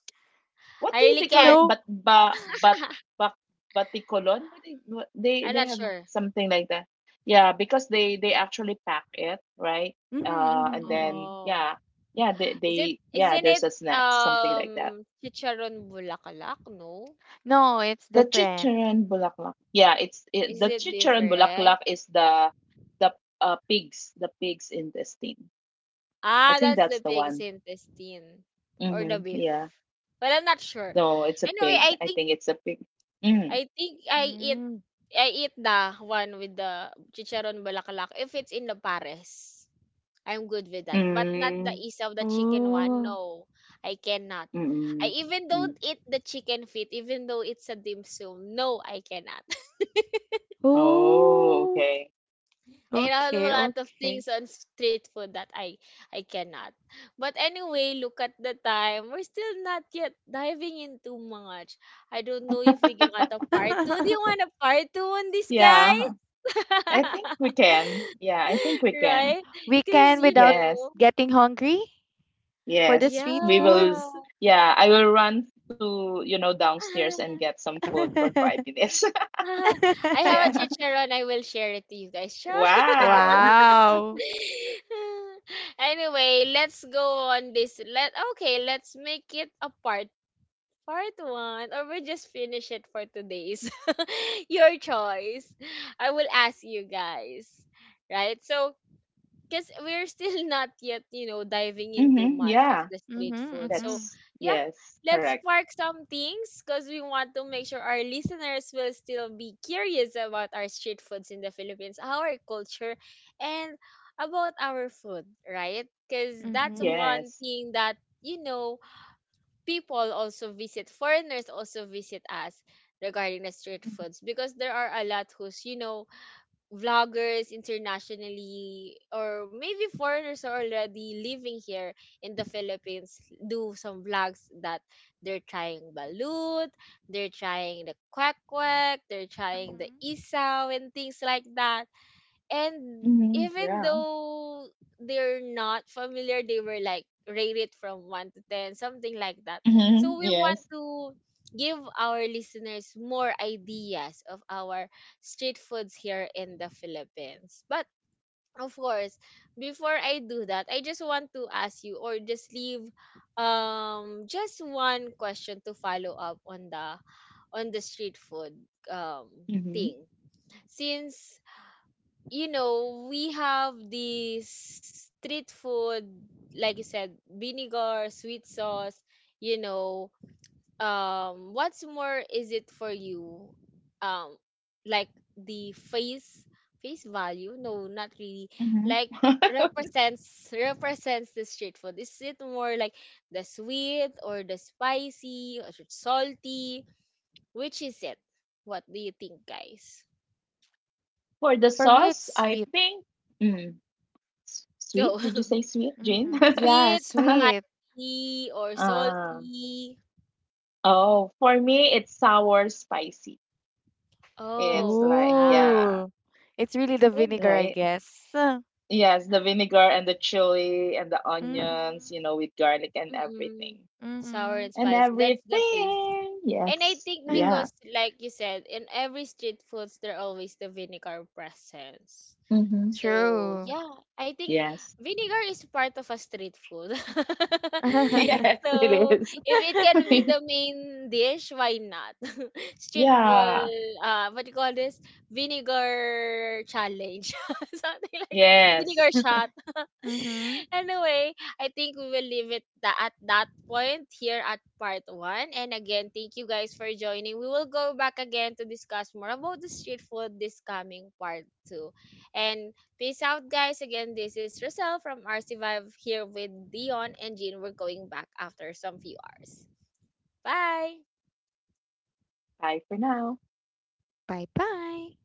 C: What
A: I
C: do
A: really
C: they call
A: can't.
C: it?
B: No.
C: But ba but batikolon? What-
A: I'm
C: they
A: not
C: have
A: sure.
C: something like that. Yeah, because they actually pack it, right?
B: Mm-hmm,
C: And then
B: hmm
A: Oh.
C: yeah, yeah
A: Is it,
C: they yeah
A: isn't
C: there's
A: it,
C: a snack something like that.
A: Chicharon Bulaklak, no?
B: No, it's
C: The
B: different.
C: chicharon bulaklak. Yeah, it's it,
A: Is
C: the
A: it
C: chicharon
A: different?
C: bulaklak is the pigs the pigs intestine. I
A: Ah,
C: think
A: that's the
C: that's the
A: pig's
C: one.
A: intestine or the
C: Mm-hmm.
A: beef.
C: Yeah.
A: Well, I'm not sure.
C: No, it's a
A: Anyway,
C: pig.
A: I
C: I
A: think
C: think it's a pig. Mm.
A: I think I eat
B: Mm.
A: I eat the one with the Chicharon Bulaklak if it's in the pares. I'm good with that. But not the
C: Mm.
A: isa of the chicken one.
B: Oh.
A: No, I cannot. I
C: Mm.
A: even
C: Mm.
A: don't eat the chicken feet, even though it's a dim sum. No, I cannot.
C: Oh,
B: Oh.
C: okay.
A: I have a
B: Okay,
A: lot of
B: okay.
A: things on street food that I cannot. But anyway, look at the time. We're still not yet diving in too much. I don't know if we want a part two. Do you
B: <laughs>
A: want a part two on this,
C: Yeah,
A: guys?
C: I think we
A: <laughs>
C: can. Yeah, I think we can.
A: Right?
B: we
A: Because,
B: can
A: you
B: without
C: Yes,
A: know,
B: getting hungry for the
C: yes.
B: street
C: We will.
A: yeah.
B: foods.
C: Yeah, I will run to, you know, downstairs and get some
A: <laughs>
B: <laughs>
C: food for 5 minutes. <laughs>
A: I have a
C: Yeah.
A: chicharon. I will share it to you guys. <laughs> Sure.
C: Wow.
B: wow.
A: <laughs> Anyway, let's go on this. Let Okay, let's make it a part one, or we just finish it for today's. <laughs> Your choice. I will ask you guys, right? So because we're still <laughs> not yet, you know, diving into
C: Mm-hmm.
A: much of
C: Yeah.
A: the
B: Mm-hmm,
A: street
B: mm-hmm,
A: food. So,
B: mm-hmm,
C: That's,
A: yeah,
C: yes,
A: let's
C: correct.
A: spark some things because we want to make sure our listeners will still be curious about our street foods in the Philippines, our culture, and about our food, right? Because that's
B: mm-hmm.
A: one
C: Yes.
A: thing that, you know, people also visit, foreigners also visit us regarding the street
C: Mm-hmm.
A: foods because there are a lot who's, you know, vloggers internationally or maybe foreigners are already living here in the Philippines, do some vlogs that they're trying balut, they're trying the quack quack, they're trying the isaw and things like that. And
C: Mm-hmm,
A: even
C: yeah.
A: though they're not familiar, they were like rate it from 1 to 10, something like that.
C: Mm-hmm.
A: So we want
C: Yes.
A: to give our listeners more ideas of our street foods here in the Philippines. But of course, before I do that, I just want to ask you or just leave just one question to follow up on the street food um
C: Mm-hmm.
A: thing. Since, you know, we have these street food, like you said, vinegar, sweet sauce, you know. What's more is it for you? Um, like the face value? No, not really. Like
C: Mm-hmm. <laughs>
A: represents the street food. Is it more like the sweet or the spicy or salty? Which is it? What do you think, guys?
C: For the
B: For me,
C: sauce,
B: it's
C: I
B: sweet.
C: think mm, s-
A: Go.
C: sweet. Did you
A: <laughs>
C: say sweet, Jane?
B: Mhm. Yeah,
A: Sweet,
C: <laughs>
B: sweet.
A: spicy, or
C: Um,
A: salty?
C: oh, for me, it's sour spicy.
A: Oh,
C: It's like,
A: yeah,
C: yeah,
B: Ooh. It's really the
A: can
B: vinegar,
A: be.
B: I
C: right?
B: guess.
C: Yes, the vinegar and the chili and the onions,
B: Mm-hmm.
C: you know, with garlic and
A: Mm-mm.
C: everything.
A: Sour and
B: Mm-hmm.
C: And
A: spicy. That's the face.
C: everything.
A: And I
C: Yes.
A: think
C: Yeah.
A: because,
B: <laughs>
A: like you said, in every street foods, there always the vinegar presence.
C: Mm-hmm.
A: So
B: True.
A: yeah, I think
C: Yes.
A: vinegar is part of a street food.
B: <laughs>
C: <laughs>
B: mhm.
A: <laughs>
C: Yes, it
A: So
C: is.
A: if it can be
C: <laughs>
A: the main dish, why not? <laughs> Street ball,
C: Yeah.
A: what do you call this? Vinegar challenge, <laughs> something like that. Vinegar
C: Yes. <laughs>
A: shot.
B: Mm-hmm.
A: <laughs> Anyway, I think we will leave it at that point here at part one. And again, thank you guys for joining. We will go back again to discuss more about the street food this coming part two. And peace out, guys. Again, this is Rosel from RC Vibe here with Dion and Jean. We're going back after some few hours. Bye.
C: Bye for now.
B: Bye bye.